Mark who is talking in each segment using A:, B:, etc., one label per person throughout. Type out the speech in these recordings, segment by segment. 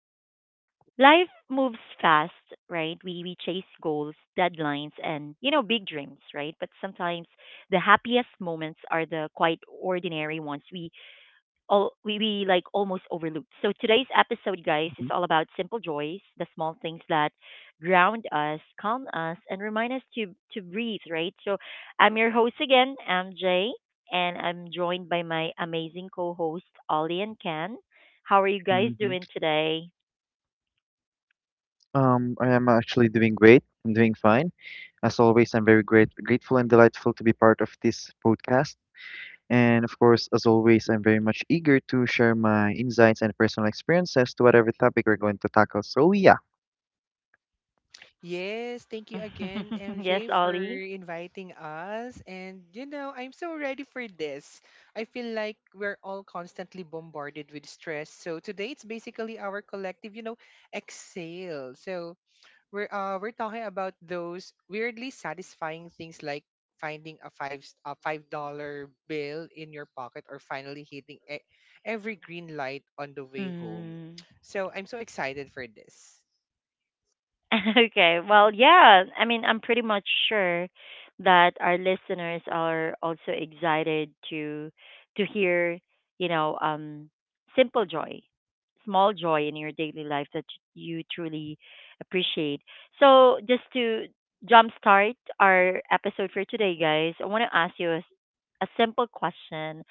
A: we chase goals, deadlines, and you know big dreams, right? But sometimes the happiest moments are the quite ordinary ones we like almost overlooked. So today's episode,
B: Mhm,
A: guys, is all about simple joys, the small things that ground us, calm us, and remind us to breathe, right? So I'm your host again, MJ, and I'm joined by my amazing co-host Ollie and Ken. How are you guys
B: mhm.
A: doing today?
B: I am actually doing great. I'm doing fine. As always, I'm very grateful and delightful to be part of this podcast. And of course, as always, I'm very much eager to share my insights and personal experiences to whatever topic we're going to tackle. So yeah.
C: Yes, thank you again,
A: Yes,
C: MJ, for
A: Ollie.
C: inviting us. And you know, I'm so ready for this. I feel like we're all constantly bombarded with stress. So today it's basically our collective, you know, exhale. So we're talking about those weirdly satisfying things like finding a $5 bill in your pocket or finally hitting every green light on the way home.
A: Mm.
C: So I'm so excited for this.
A: Okay. Well, yeah. I mean, I'm pretty much sure that our listeners are also excited to hear, you know, um, simple joy, small joy in your daily life that you truly appreciate. So, just to jumpstart our episode for today, guys, I want to ask you a simple question.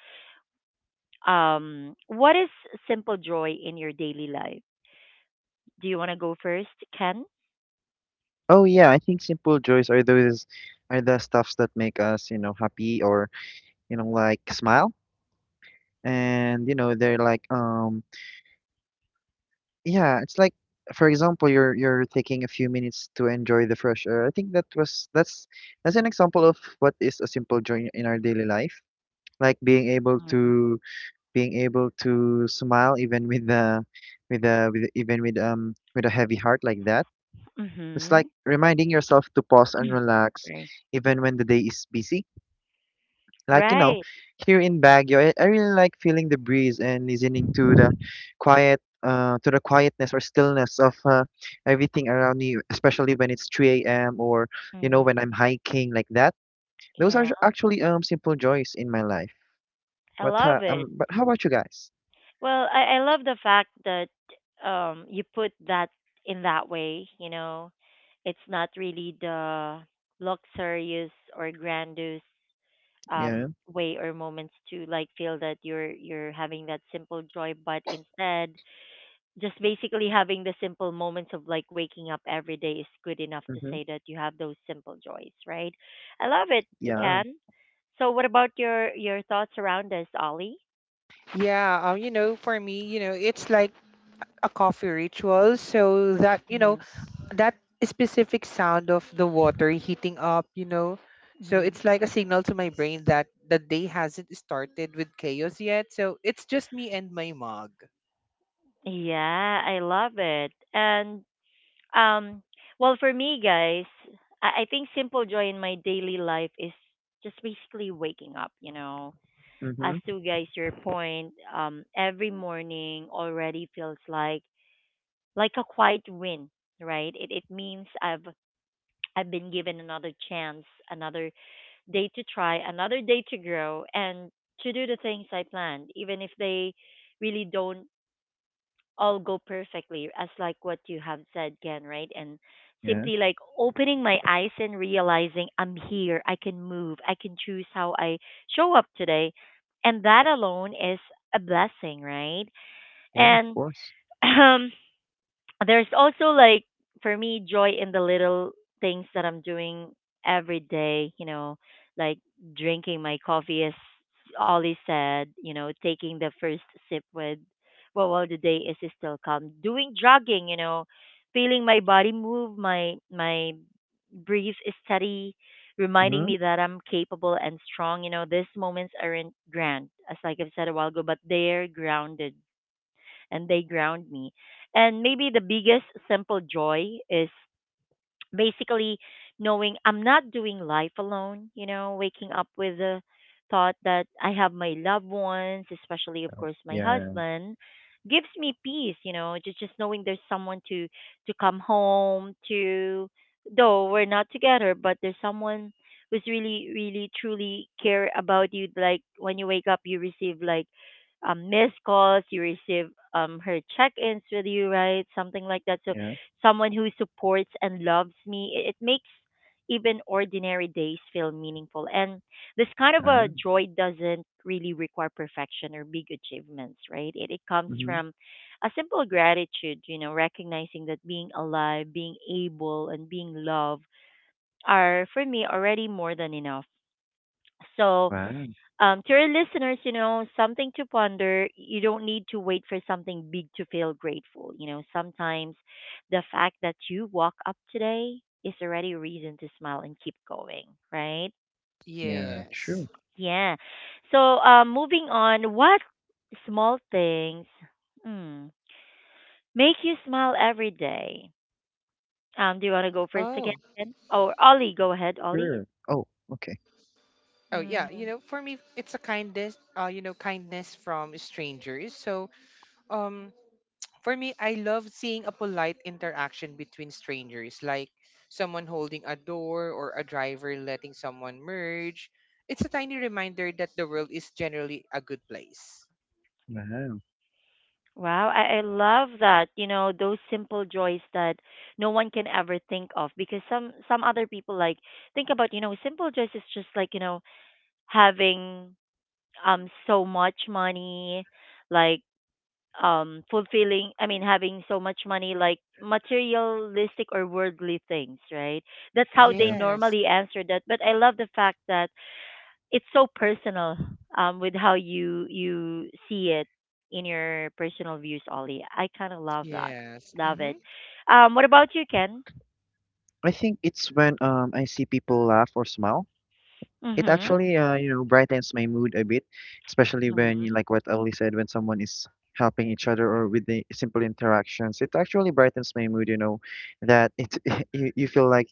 A: What is simple joy in your daily life? Do you want to go first, Ken?
B: Oh yeah, I think simple joys are those are the stuffs that make us, you know, happy like smile. And, you know, they're like yeah, it's like for example, you're taking a few minutes to enjoy the fresh air. I think that was that's an example of what is a simple joy in our daily life. Like being able to smile even even with a heavy heart like that. It's
A: Mm-hmm.
B: like reminding yourself to pause and relax
A: Right.
B: even when the day is busy. Like, you know,
A: Right.
B: here in Baguio, I really like feeling the breeze and listening to the to the quietness or stillness of everything around me, especially when it's 3 a.m. or, you know,
A: Hmm.
B: when I'm hiking like that. Those are
A: Yeah,
B: actually simple joys in my life.
A: I
B: What
A: love it.
B: but how about you guys?
A: Well, I love the fact that you put that in that way, you know. It's not really the luxurious or grandiose
B: Yeah.
A: way or moments to like feel that you're having that simple joy, but instead just basically having the simple moments of like waking up every day is good enough to
B: Mm-hmm.
A: say that you have those simple joys, right? I love it,
B: Yeah.
A: Ken. So what about your thoughts around this, Ollie?
C: Yeah, you know, for me, you know, it's like a coffee ritual. So that, you know,
A: Hmm.
C: that specific sound of the water heating up, you know, so
A: Hmm.
C: it's like a signal to my brain that the day hasn't started with chaos yet. So it's just me and my mug.
A: Yeah, I love it. And um well for me guys, I think simple joy in my daily life is just basically waking up, you know.
B: Mm-hmm.
A: As to guys your point, every morning already feels like a quiet win, right? It means I've been given another chance, another day to try, another day to grow and to do the things I planned, even if they really don't all go perfectly, as like what you have said, Ken, right? And
B: Yeah.
A: simply like opening my eyes and realizing I'm here, I can move, I can choose how I show up today. And that alone is a blessing, right?
B: Yeah. Of
A: And
B: course.
A: there's also like for me joy in the little things that I'm doing every day, you know, like drinking my coffee as Ollie said, you know, taking the first sip with well while the day is still calm. Doing jogging, you know, feeling my body move, my breathe is steady, reminding
B: Mm-hmm.
A: me that I'm capable and strong. You know, these moments aren't grand, as like I've said a while ago, but they're grounded and they ground me. And maybe the biggest simple joy is basically knowing I'm not doing life alone, you know, waking up with the thought that I have my loved ones, especially of course my
B: Yeah.
A: husband, gives me peace, you know, just knowing there's someone to come home to though we're not together, but there's someone who's really really truly care about you like when you wake up you receive like missed calls, you receive her check-ins with you, right? Something like that. So
B: Yeah.
A: someone who supports and loves me. It makes even ordinary days feel meaningful. And this kind of a
B: Wow.
A: joy doesn't really require perfection or big achievements, right? It comes
B: Mm-hmm.
A: from a simple gratitude, you know, recognizing that being alive, being able, and being loved are, for me, already more than enough. So,
B: Wow.
A: to our listeners, you know, something to ponder. You don't need to wait for something big to feel grateful. You know, sometimes the fact that you walk up today is already a reason to smile and keep going, right?
B: Yeah.
C: Yes.
B: True.
A: Yeah. So, moving on, what small things mm, make you smile every day? Do you want to go first again?
C: Oh.
A: Ken? Or Ollie, go ahead, Ollie.
B: Sure. Oh. Okay.
C: Oh yeah, you know, for me it's a kindness, you know, kindness from strangers. So, um, for me, I love seeing a polite interaction between strangers, like someone holding a door or a driver letting someone merge. It's a tiny reminder that the world is generally a good place.
B: Wow.
A: Wow, I love that. You know, those simple joys that no one can ever think of because some other people like think about, you know, simple joys is just like, you know, having so much money, like fulfilling, I mean, having so much money like materialistic or worldly things, right? That's how they
B: Yeah.
C: Yes,
A: normally answer that. But I love the fact that it's so personal with how you see it in your personal views, Ollie. I kind of love that.
C: yes,
A: Love
C: mm-hmm.
A: it. What about you, Ken?
B: I think it's when I see people laugh or smile. It
A: Mhm.
B: actually you know brightens my mood a bit, especially when you
A: Mhm.
B: like what Ellie said when someone is helping each other or with the simple interactions. It actually brightens my mood, you know, that it you feel like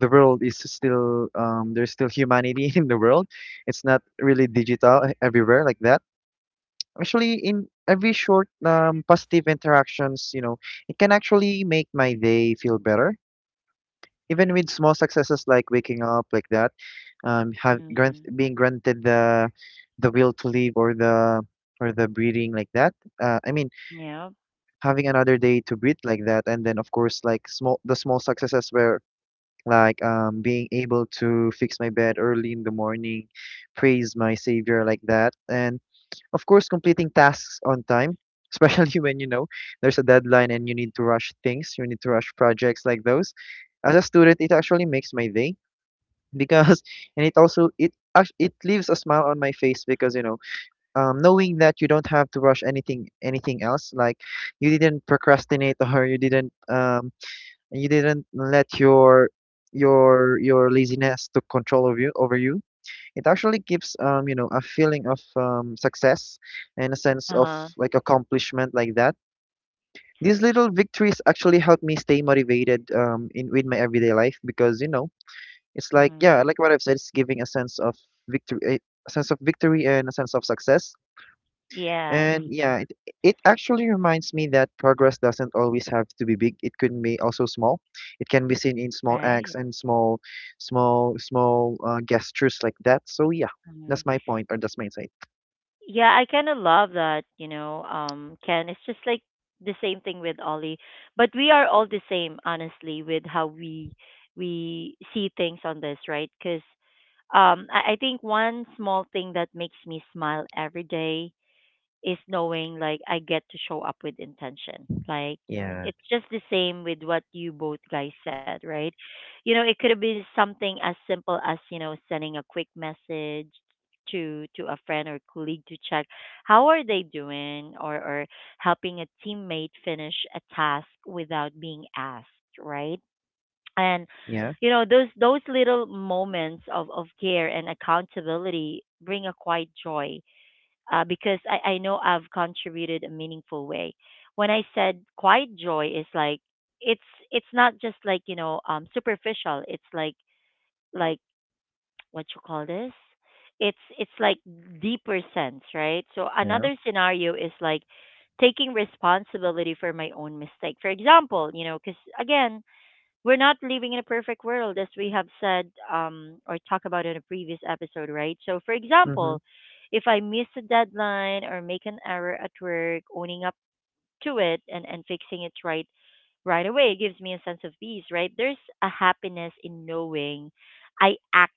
B: the world is still there's still humanity in the world. It's not really digital everywhere like that. Actually, in every short positive interactions, you know, it can actually make my day feel better even with small successes like waking up like that, have grant
A: Mhm.
B: being granted the will to live or the breathing like that. Uh, I mean,
A: Yeah.
B: having another day to breathe like that, and then of course like small the small successes were like being able to fix my bed early in the morning, praise my savior like that, and of course completing tasks on time. Especially when you know there's a deadline and you need to rush things, you need to rush projects like those as a student, it actually makes my day because and it also it leaves a smile on my face because you know knowing that you don't have to rush anything else like you didn't procrastinate or you didn't let your laziness took control of you over you. It actually gives you know a feeling of success and a sense of
A: Uh-huh.
B: like accomplishment like that. These little victories actually help me stay motivated in with my everyday life because you know it's like
A: Mhm.
B: yeah, like what I've said, it's giving a sense of victory, a sense of victory and a sense of success.
A: Yes.
B: And yeah, it actually reminds me that progress doesn't always have to be big. It can be also small. It can be seen in small acts
A: Right.
B: and small gestures like that. So yeah, that's
A: Mhm.
B: my point or that's my insight.
A: Yeah, I kind of love that, you know, Ken. It's just like the same thing with Ollie, but we are all the same, honestly, with how we see things on this, right? Because I think one small thing that makes me smile every day is knowing like I get to show up with intention. Like
B: Yeah,
A: it's just the same with what you both guys said, right? You know, it could have been something as simple as, you know, sending a quick message to a friend or colleague to check how are they doing or helping a teammate finish a task without being asked, right? And
B: yeah,
A: you know those little moments of care and accountability bring a quiet joy, because I know I've contributed a meaningful way. When I said quiet joy is like it's it's not just like you know superficial. It's like what you call this. It's like deeper sense, right? So
B: yeah.
A: another scenario is like taking responsibility for my own mistake. For example, you know, because again, we're not living in a perfect world as we have said or talked about in a previous episode, right? So, for
B: Mhm.
A: example, if I miss a deadline or make an error at work, owning up to it and fixing it right away gives me a sense of peace, right? There's a happiness in knowing I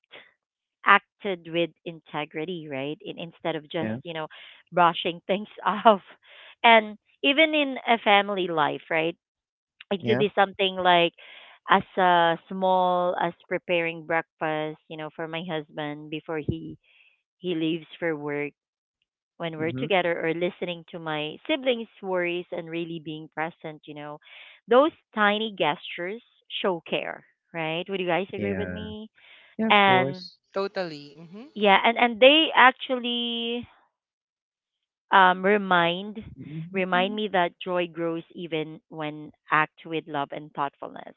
A: acted with integrity, right? In, instead of just,
B: Yeah,
A: you know, brushing things off. And even in a family life, right? It could
B: yeah.
A: be something like as small as preparing breakfast, you know, for my husband before he leaves for work when we're
B: Mhm.
A: together or listening to my siblings' worries and really being present, you know. Those tiny gestures show care, right? Would you guys agree with
B: Yeah.
A: me?
B: Yeah, of
A: And
B: course.
C: Totally. Mm-hmm.
A: yeah, and they actually um, remind remind
B: Mhm.
A: me that joy grows even when act with love and thoughtfulness,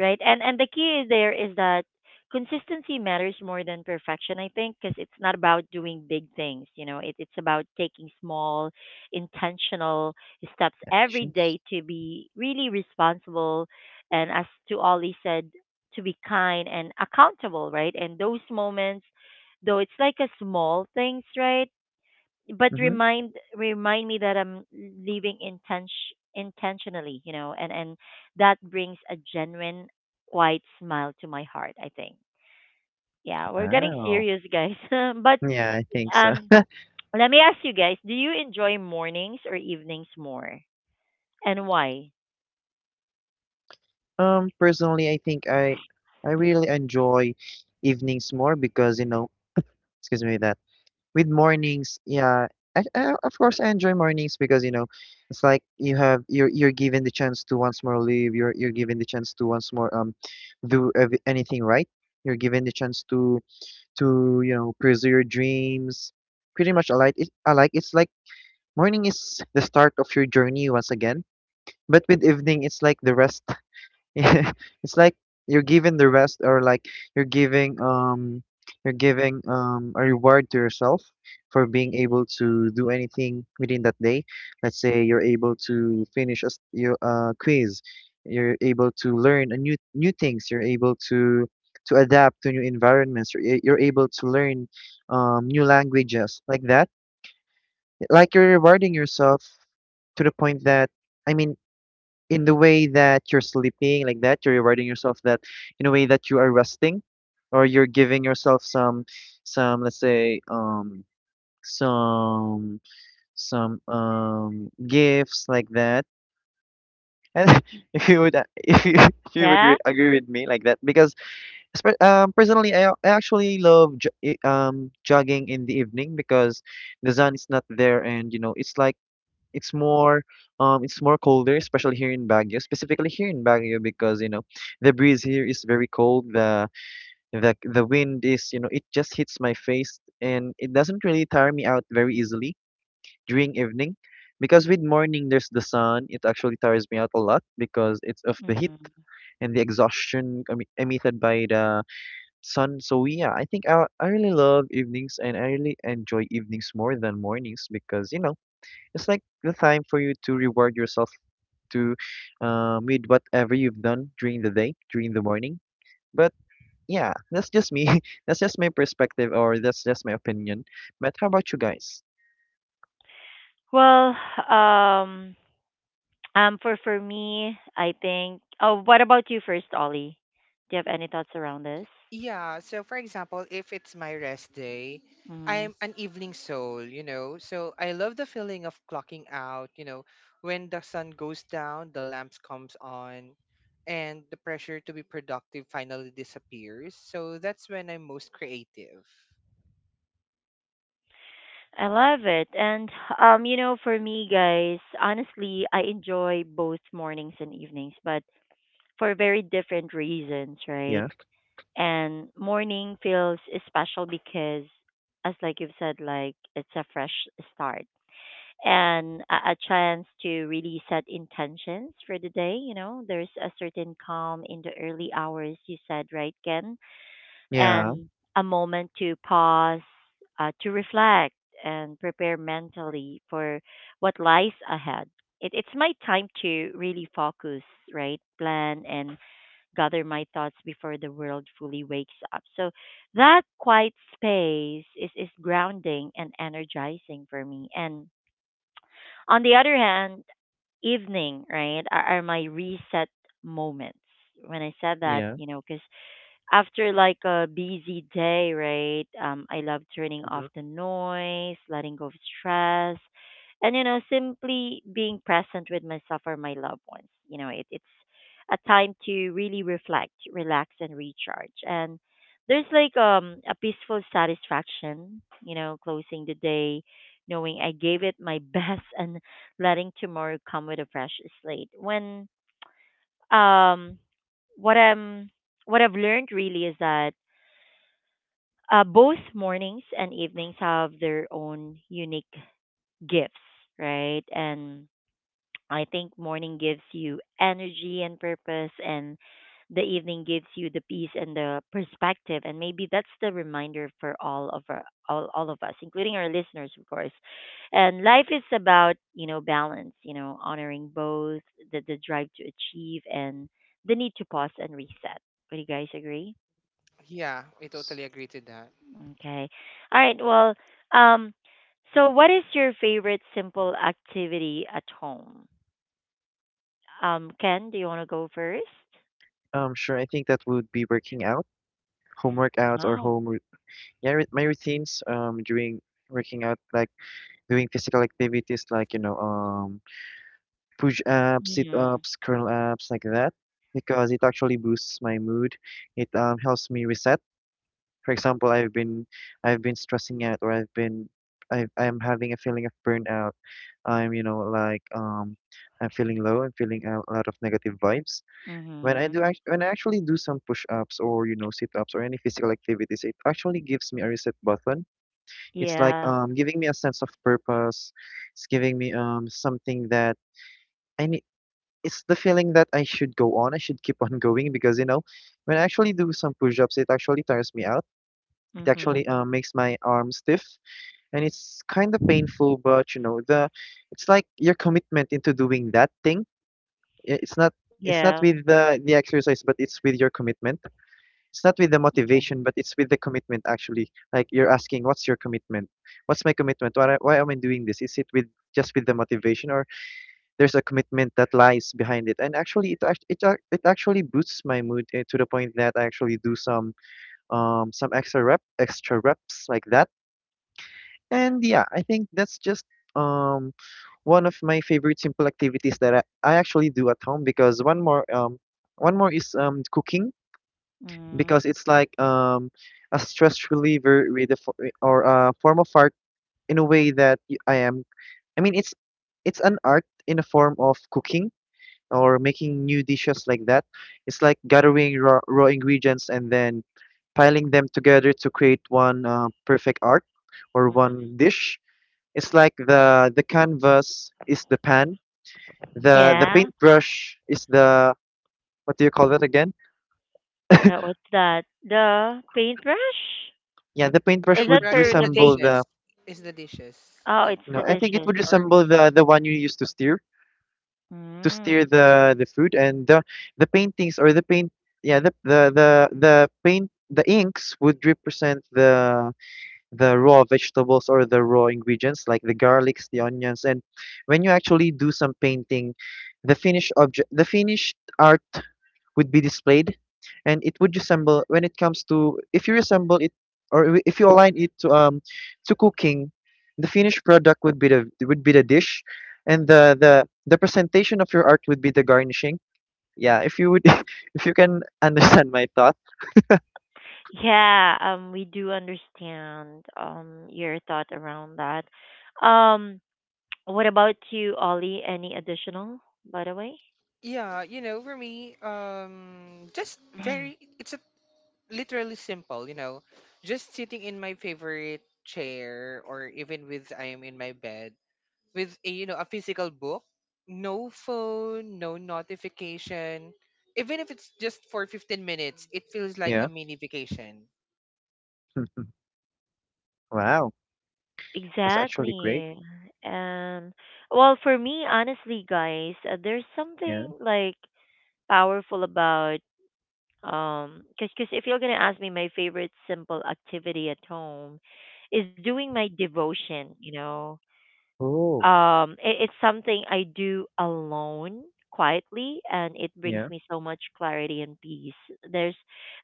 A: right? And the key is there is that consistency matters more than perfection, I think, because it's not about doing big things, you know. It, it's about taking small intentional steps every
B: Actions.
A: day to be really responsible, and as to Ollie said, to be kind and accountable, right? And those moments though it's like a small things, right? But
B: Mhm.
A: remind me that I'm living intentionally, you know, and that brings a genuine, quiet smile to my heart. I think. Yeah, we're getting
B: Wow.
A: serious, guys. But
B: Yeah, I think so.
A: um, let me ask you guys: do you enjoy mornings or evenings more, and why?
B: Personally, I think I
A: Mm.
B: really enjoy evenings more because you know, excuse me, that with mornings, yeah, of course I enjoy mornings because you know, it's like you're given the chance to once more live. You're given the chance to once more anything right. You're given the chance to you know pursue your dreams. Pretty much, I like it. I like it's like morning is the start of your journey once again, but with evening, it's like the rest it's like you're giving the rest or like you're giving a reward to yourself for being able to do anything within that day. Let's say you're able to finish a your quiz, you're able to learn a new things, you're able to adapt to new environments, you're able to learn new languages like that, like you're rewarding yourself to the point that i mean in the way that you're sleeping like that, you're rewarding yourself that in a way that you are resting or you're giving yourself some, let's say some some gifts like that. And if you would if you would
A: Yeah.
B: agree with me like that. Because personally I actually love jogging in the evening because the sun is not there and you know it's like it's more it's more colder, especially here in Baguio, specifically here in Baguio, because you know the breeze here is very cold, the wind is you know it just hits my face and it doesn't really tire me out very easily during evening. Because with morning there's the sun, it actually tires me out a lot because it's of the heat
A: Hmm.
B: and the exhaustion emitted by the sun. So yeah, I think I really love evenings and I really enjoy evenings more than mornings because you know it's like the time for you to reward yourself to with whatever you've done during the day, during the morning. But yeah, that's just me. That's just my perspective, or that's just my opinion. But how about you guys?
A: Well, um, for me, I think. Oh, what about you first, Ollie? Do you have any thoughts around this?
C: Yeah, so for example, if it's my rest day,
A: Mm-hmm.
C: I'm an evening soul, you know. So I love the feeling of clocking out, you know, when the sun goes down, the lamps comes on, and the pressure to be productive finally disappears. So that's when I'm most creative.
A: I love it. And you know, for me guys, honestly, I enjoy both mornings and evenings, but for very different reasons, right?
B: Yeah,
A: And morning feels special because as like you've said, like it's a fresh start and a chance to really set intentions for the day, you know. There's a certain calm in the early hours you said, right, Ken?
B: yeah,
A: And a moment to pause, to reflect, and prepare mentally for what lies ahead. It's my time to really focus, right? Plan and gather my thoughts before the world fully wakes up. So that quiet space is grounding and energizing for me. And on the other hand, evening, right, are my reset moments. When I said that,
B: yeah.
A: you know, because after like a busy day, right? I love turning off
B: Hmm.
A: the noise, letting go of stress, and you know, simply being present with myself or my loved ones. You know, it's a time to really reflect, relax, and recharge. And there's like a peaceful satisfaction, you know, closing the day, knowing I gave it my best, and letting tomorrow come with a fresh slate. When um what I'm what I've learned really is that both mornings and evenings have their own unique gifts, right? And I think morning gives you energy and purpose, and the evening gives you the peace and the perspective. And maybe that's the reminder for all of all of us, including our listeners, of course. And life is about you know balance, you know, honoring both the drive to achieve and the need to pause and reset. Would you guys agree?
C: Yeah, I totally agree to that.
A: Okay. All right. Well, um, so what is your favorite simple activity at home? Ken, do you want to go first?
B: Sure. I think that would be working out, home workouts, or
A: Oh.
B: yeah, my routines. During working out, like doing physical activities, like you know, push ups, sit
A: Mhm.
B: ups, curl ups, like that, because it actually boosts my mood. It helps me reset. For example, I've been stressing out, or I've been I am having a feeling of burnout. I'm, you know, like I'm feeling low, I'm feeling a lot of negative vibes. When I do
A: Mhm.
B: act when I actually do some push-ups or, you know, sit-ups or any physical activities, it actually gives me a reset button. It's like
A: Yeah.
B: giving me a sense of purpose. It's giving me something that I need. It's the feeling that I should go on, I should keep on going because you know, when I actually do some push-ups, it actually tires me out, it
A: Mhm.
B: actually makes my arm stiff, and it's kind of painful. But you know, the it's like your commitment into doing that thing. I- It's not it's not
A: Yeah.
B: with the exercise, but it's with your commitment. It's not with the
A: Yeah.
B: motivation, but it's with the commitment actually. Like you're asking, what's your commitment? What's my commitment? Why am I doing this? Is it with just with the motivation, or there's a commitment that lies behind it? And actually it actually boosts my mood eh, to the point that I actually do some extra reps like that. And yeah, I think that's just um one of my favorite simple activities that I actually do at home. Because one more is cooking,
A: Mhm.
B: because it's like a stress reliever or a form of art, in a way that y- I am I mean it's an art in a form of cooking or making new dishes like that. It's like gathering raw ingredients and then piling them together to create one perfect art or
A: Mhm.
B: one dish. It's like the canvas is the pan, the
A: Yeah.
B: paintbrush is the, what do you call that again?
A: That was that. The paintbrush?
B: Yeah, the
C: A
B: paintbrush
A: Is that
B: would
C: paintbrush
A: for
C: is
A: the
C: the
B: resemble
A: baking?
B: the,
C: dishes. Is the dishes.
A: Oh, it's
C: The
B: you
A: the
B: know I think it
A: dishes.
B: would
C: or
B: resemble the one you use to steer
A: Mm.
B: the food, and the paint. Yeah, the paint, the inks would represent the raw vegetables or the raw ingredients, like the garlics, the onions. And when you actually do some painting, the finished art would be displayed, and it would resemble, when it comes to, if you resemble it or if you align it to cooking, the finished product would be the dish. And the presentation of your art would be the garnishing. Yeah, if you would if you can understand my thought.
A: Yeah, we do understand your thought around that. Um, What about you, Ollie? Any additional, by the way?
C: yeah, you know, for me, just very it's a literally simple, you know, just sitting in my favorite chair or even with I am in my bed with a you know a physical book, no phone, no notification. Even if it's just for 15 minutes, it feels like
B: Yeah.
C: a mini vacation.
B: Wow. That's actually great.
A: Exactly. And well, for me, honestly, guys, there's
B: Yeah.
A: something powerful about cause cause if you're gonna ask me, my favorite simple activity at home is doing my devotion. You know,
B: Oh
A: it, it's something I do alone quietly, and it brings
B: yeah.
A: me so much clarity and peace. there's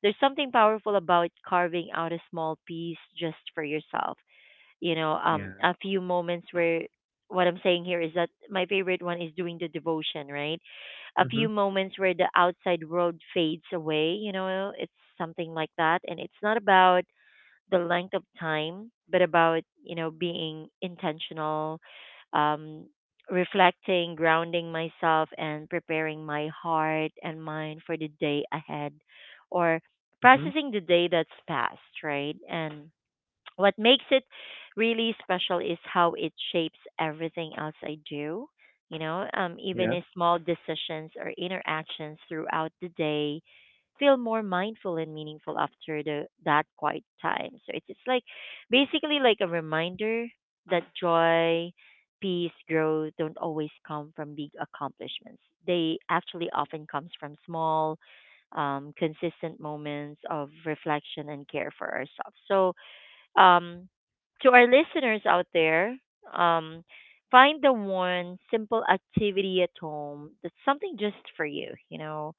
A: there's something powerful about carving out a small piece just for yourself, you know,
B: Yeah.
A: a few moments where what I'm saying here is that my favorite one is doing the devotion right a
B: Mm-hmm,
A: few moments where the outside world fades away, you know. It's something like that. And it's not about the length of time, but about, you know, being intentional, um, reflecting, grounding myself, and preparing my heart and mind for the day ahead, or
B: mm-hmm.
A: processing the day that's passed, right? And what makes it really special is how it shapes everything else I do. You know, even
B: Yeah.
A: if small decisions or interactions throughout the day feel more mindful and meaningful after the that quiet time. So it's like basically like a reminder that joy, peace, growth don't always come from big accomplishments. They actually often comes from small, consistent moments of reflection and care for ourselves. So um, to our listeners out there, um, find the one simple activity at home that's something just for you, you know,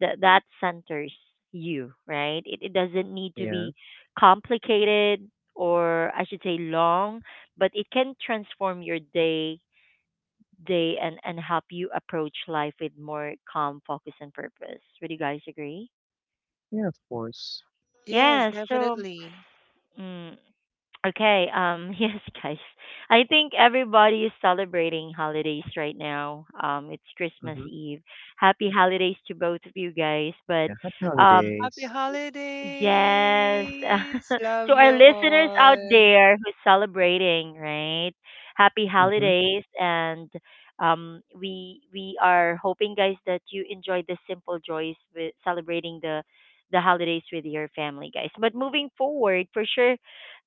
A: that that centers you, right? It doesn't need to
B: Yeah.
A: be complicated, or I should say long, but it can transform your day and help you approach life with more calm, focus, and purpose. Would you guys agree?
B: Yeah, of course.
A: Yeah,
C: Yes,
A: so
C: definitely.
A: mm, okay, yes, guys. I think everybody is celebrating holidays right now. It's Christmas
B: Mm-hmm.
A: Eve. Happy holidays to both of you guys. But
B: Yeah, happy
A: um,
C: Happy
B: holidays.
A: yes,
C: holidays.
A: to
C: Love
A: our
C: you
A: listeners out
C: all.
A: there who's celebrating, right? Happy
B: Mm-hmm.
A: holidays, and we are hoping, guys, that you enjoy the simple joys with celebrating the holidays with your family, guys. But moving forward, for sure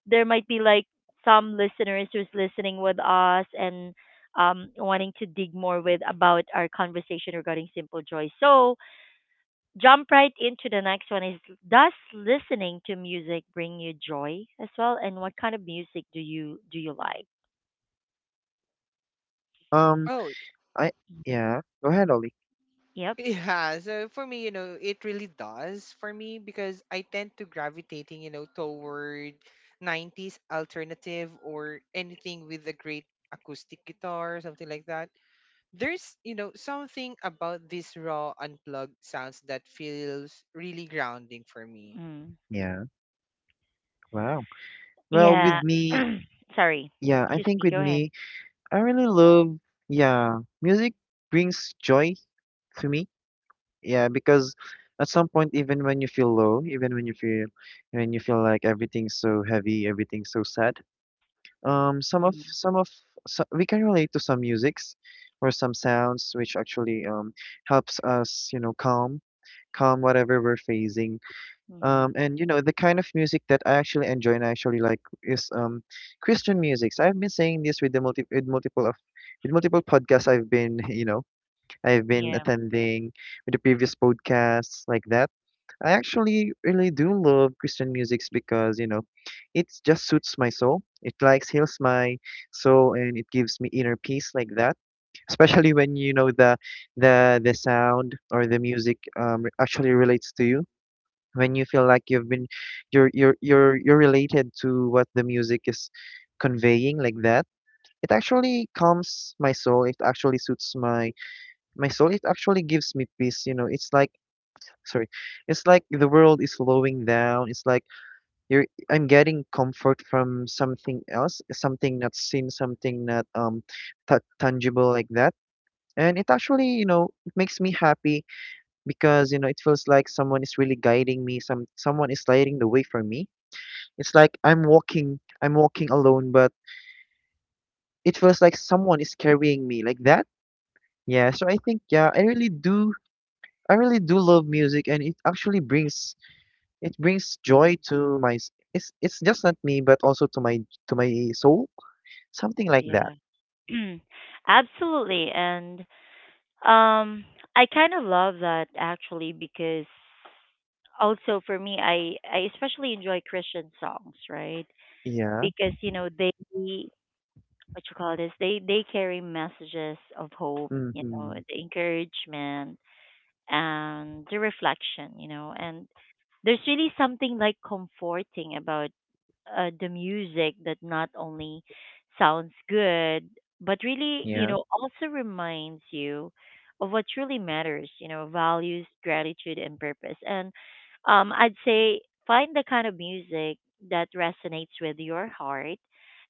A: there might be like some listeners who's listening with us and wanting to dig more with about our conversation regarding simple joy. So jump right into the next one is, does listening to music bring you joy as well? And what kind of music do you like?
B: Um,
C: Oh.
B: I yeah. Go ahead, Ollie.
A: Yep.
C: Yeah, so for me, you know, it really does for me because I tend to gravitating, you know, toward 90s alternative or anything with a great acoustic guitar, something like that. There's, you know, something about this raw unplugged sounds that feels really grounding for me.
A: Mm.
B: Yeah. Wow. Well,
A: Yeah.
B: with me,
A: Sorry.
B: yeah, I
A: Excuse
B: think
A: me.
B: with
A: Go ahead.
B: me, I really love, yeah, music brings joy to me. Yeah, because at some point, even when you feel low, even when you feel like everything's so heavy, everything's so sad, some of so, we can relate to some musics or some sounds which actually helps us, you know, calm whatever we're facing.
A: Mm-hmm.
B: And you know, the kind of music that I actually enjoy and I actually like is Christian music. So I've been saying this with the multi with multiple of with multiple podcasts I've been you know, I've been
A: Yeah.
B: attending, with the previous podcasts like that. I actually really do love Christian musics because, you know, it just suits my soul. It likes heals my soul, and it gives me inner peace like that. Especially when, you know, the sound or the music, actually relates to you, when you feel like you've been you're related to what the music is conveying, like that. It actually calms my soul, it actually suits my soul, it actually gives me peace, you know. It's like, sorry, it's like the world is slowing down, it's like you're I'm getting comfort from something else, something not seen, something not ta tangible, like that. And it actually, you know, it makes me happy because, you know, it feels like someone is really guiding me, someone is lighting the way for me. It's like I'm walking alone, but it feels like someone is carrying me like that. Yeah, so I think, yeah, I really do love music, and it actually brings
A: Mm.
B: joy to it's just not me, but also to my soul, something like that.
A: Yeah. Absolutely. And Um, I kind of love that actually, because also for me, I especially enjoy Christian songs, right?
B: Yeah.
A: Because you know they, what you call this, they carry messages of hope, you know,
B: Mm-hmm.
A: the encouragement and the reflection, you know, and there's really something like comforting about the music that not only sounds good, but really, you
B: Yeah.
A: know, also reminds you of what truly matters, you know, values, gratitude, and purpose. And I'd say, find the kind of music that resonates with your heart,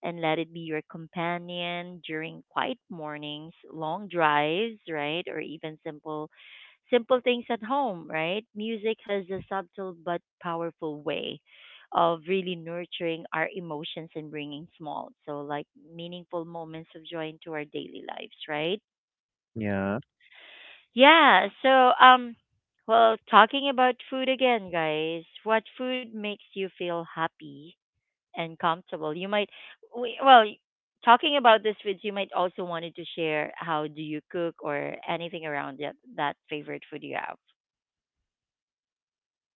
A: and let it be your companion during quiet mornings, long drives, right, or even simple things at home, right? Music has a subtle but powerful way of really nurturing our emotions and bringing small, so like meaningful moments of joy into our daily lives, right?
B: Yeah.
A: Yeah, so um well, talking about food again, guys. What food makes you feel happy and comfortable? You might, we, well, talking about this foods, you might also wanted to share how do you cook or anything around that, that favorite food you have.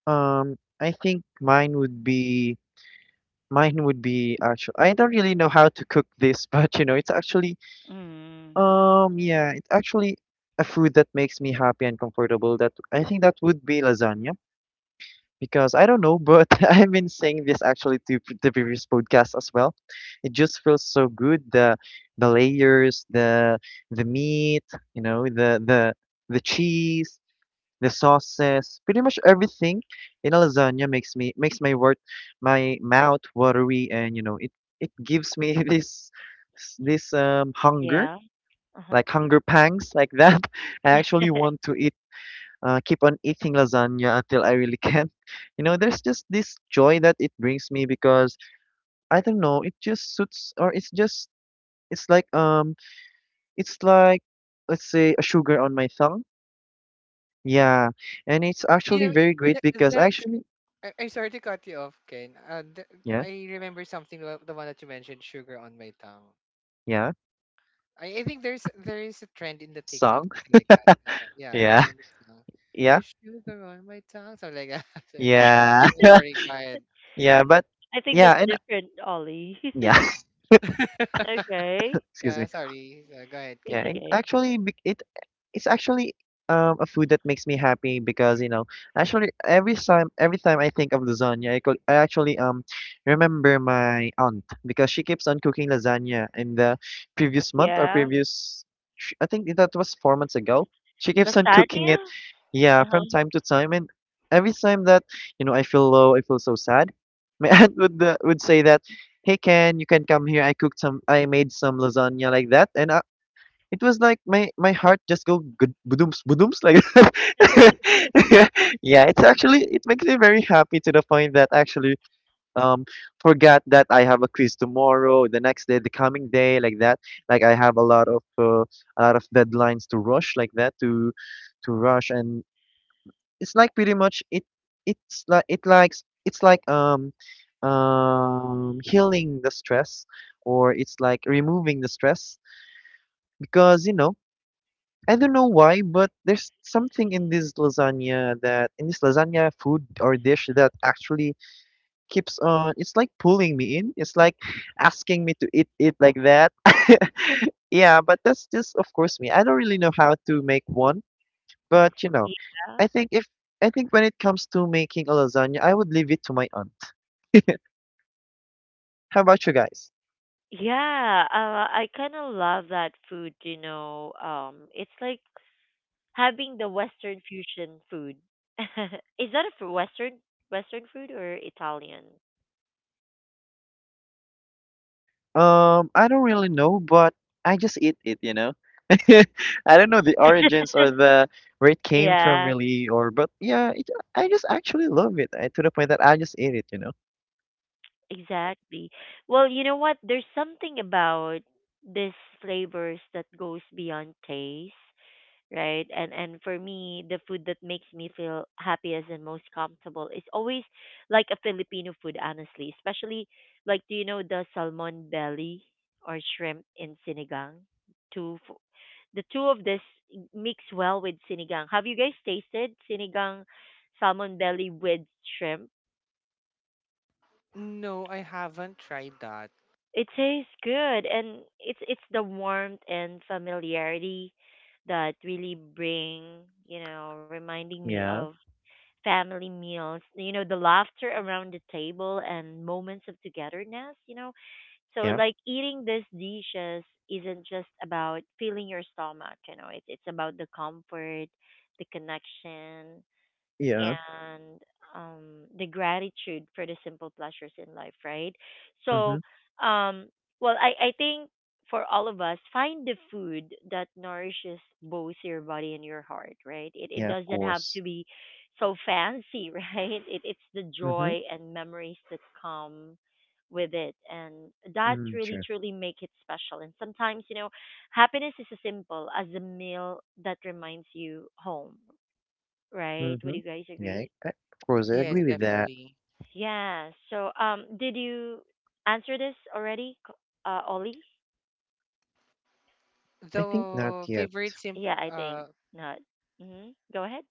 B: Um, I think mine would be actually. I don't really know how to cook this, but you know,
A: Mm.
B: It's actually a food that makes me happy and comfortable. That, I think, that would be lasagna because I don't know, but I've been saying this actually to the previous podcast as well. It just feels so good. The layers, the meat, you know, the cheese, the sauces, pretty much everything in a lasagna makes my mouth watery, and you know, it gives me this hunger,
A: Yeah. Uh-huh.
B: like hunger pangs, like that. I actually want to eat, keep on eating lasagna until I really can. You know, there's just this joy that it brings me because I don't know, it just suits, or it's like um it's like let's say a sugar on my tongue. Yeah. And it's
C: You
B: actually
C: know,
B: very great
C: that,
B: because
C: that sh-
B: actually,
C: I'm sorry to cut you off, Ken.
B: yeah,
C: I remember something about the one that you mentioned, sugar on my tongue.
B: yeah.
C: I think there is a trend in the
B: Song.
C: TikTok something like that. Like that. Yeah,
B: Yeah.
C: kind of song.
B: Yeah.
C: There's sugar on my tongue, something like that. So, okay, go.
B: Yeah.
C: Sorry, go ahead.
B: Yeah, but
A: I think
B: yeah,
A: that's
B: and
A: different, Ollie.
B: yeah,
A: Okay.
B: excuse me.
C: Yeah, sorry. Go ahead,
B: Yeah,
A: It's
C: Ken.
B: and
A: okay.
B: actually it's actually, a food that makes me happy because, you know, actually every time I think of lasagna, I actually remember my aunt because she keeps on cooking lasagna in the previous month
A: Yeah.
B: I think that was 4 months ago. She keeps on cooking
A: Lasagna?
B: it, yeah, from
A: Uh-huh.
B: time to time. And every time that, you know, I feel low, I feel so sad, my aunt would, would say that, hey Ken, you can come here, I made some lasagna, like that. And I, it was like my heart just go good badooms badooms, like that. Yeah, it makes me very happy, to the point that I actually, um forgot that I have a quiz tomorrow, the next day, the coming day, like that. Like, I have a lot of, a lot of deadlines to rush, like that, to rush. And it's like pretty much it it's like it likes it's like healing the stress, or it's like removing the stress because, you know, I don't know why, but there's something in this lasagna, that in this lasagna food or dish, that actually keeps on, it's like pulling me in. It's like asking me to eat it, like that. Yeah, but that's just, of course, me. I don't really know how to make one, but you know,
A: Yeah.
B: I think if I think when it comes to making a lasagna, I would leave it to my aunt. How about you guys?
A: Yeah, I kind of love that food, you know. It's like having the Western fusion food. Is that a f- Western Western food or Italian?
B: I don't really know, but I just eat it, you know. I don't know the origins, or the where it came from
A: Yeah,
B: really, or but yeah, it, I just actually love it, to the point that I just eat it, you know.
A: exactly. Well, you know what? There's something about these flavors that goes beyond taste, right? And for me, the food that makes me feel happiest and most comfortable is always like a Filipino food, honestly. Especially, like, do you know the salmon belly or shrimp in sinigang? Two f- the two of this mix well with sinigang. Have you guys tasted sinigang salmon belly with shrimp?
C: No, I haven't tried that.
A: It tastes good, and it's the warmth and familiarity that really bring, you know, reminding me of
B: Yeah,
A: family meals, you know, the laughter around the table and moments of togetherness, you know. So
B: yeah,
A: like eating these dishes isn't just about filling your stomach, you know, it's about the comfort, the connection,
B: yeah.
A: and um, the gratitude for the simple pleasures in life, right?
B: Mm-hmm.
A: So, um, well, I think for all of us, find the food that nourishes both your body and your heart, right? It
B: Yeah, of
A: doesn't have
B: course.
A: to be so fancy, right? It, it's the
B: Mm-hmm.
A: joy and memories that come with it, and that
B: Mm,
A: really
B: true.
A: truly make it special. And sometimes, you know, happiness is as simple as a meal that reminds you home, right? Would
B: Mm-hmm.
A: you guys
B: Yeah,
A: agree?
B: of course, I
C: Yes,
B: agree with that.
C: definitely.
A: Yeah. So, did you answer this already, K- Ollie?
B: I think not
C: The
B: yet.
C: favorite sim
A: Yeah, I think
C: uh
A: not. Hmm. Go ahead.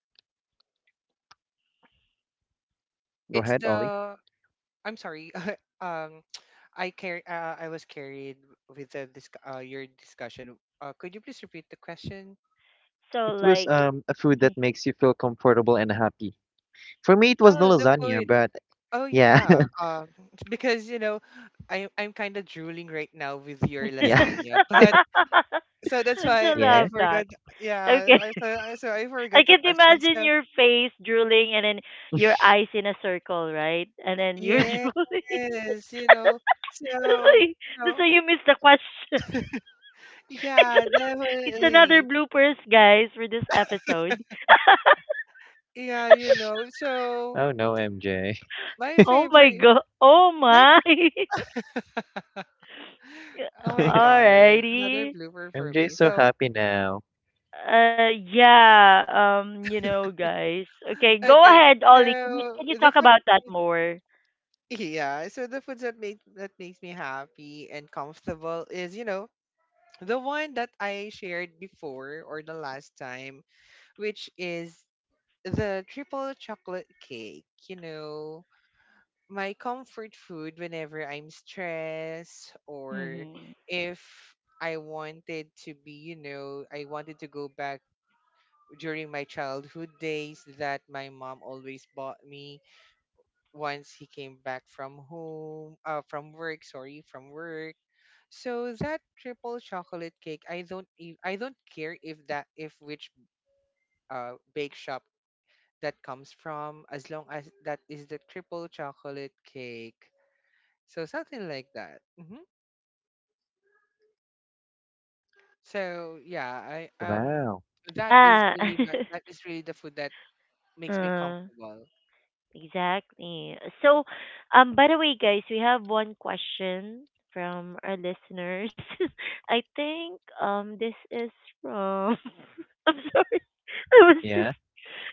B: Go
C: it's
B: ahead, Ollie.
C: the— I'm sorry. um I was carried with the disc your discussion. Could you please repeat the question?
A: So,
B: It was,
A: like,
B: a food
A: yeah.
B: that makes you feel comfortable and happy. For me, it was the
C: Oh, the
B: lasagna,
C: food.
B: but
C: Oh
B: yeah,
C: yeah, because you know, I I'm kind of drooling right now with your
B: yeah,
C: lasagna, but so that's
A: I so
C: why I
B: yeah.
A: love that.
C: forgot. Yeah,
A: Okay,
C: so I
A: I
C: forgot the
A: can't
C: question.
A: imagine
C: So
A: your face drooling, and then your eyes in a circle, right? And then you're drooling.
C: yes, you know,
A: That's why,
C: so you
A: that's
C: know,
A: why you missed the question. it's,
C: yeah,
A: it's another
C: definitely,
A: bloopers, guys, for this episode.
C: yeah, you know. So
B: Oh no, MJ.
C: my
A: Oh my
C: favorite,
A: god! Oh
C: like,
A: my! Yeah.
C: oh my god, another
A: Alrighty.
C: blooper for me.
B: MJ's so
C: So
B: happy now.
A: Yeah. You know, guys. Okay, go
C: okay,
A: ahead, Ollie. Can you
C: so the
A: talk
C: first.
A: about that more?
C: Yeah, so the foods that make that makes me happy and comfortable is, you know, the one that I shared before or the last time, which is the triple chocolate cake, you know, my comfort food whenever I'm stressed or
A: Mm-hmm.
C: if I wanted to be, you know, I wanted to go back during my childhood days that my mom always bought me once he came back from home from work sorry from work. So that triple chocolate cake, I don't e- I don't care if that, if which bake shop that comes from, as long as that is the triple chocolate cake. So something like that. Hmm. So yeah, I, um,
B: Wow.
C: that is
A: Yeah.
C: really my, that is really the food that makes me
A: uh,
C: comfortable.
A: exactly. So, by the way, guys, we have one question from our listeners. I think this is from. I'm sorry. I was just,
B: Yeah.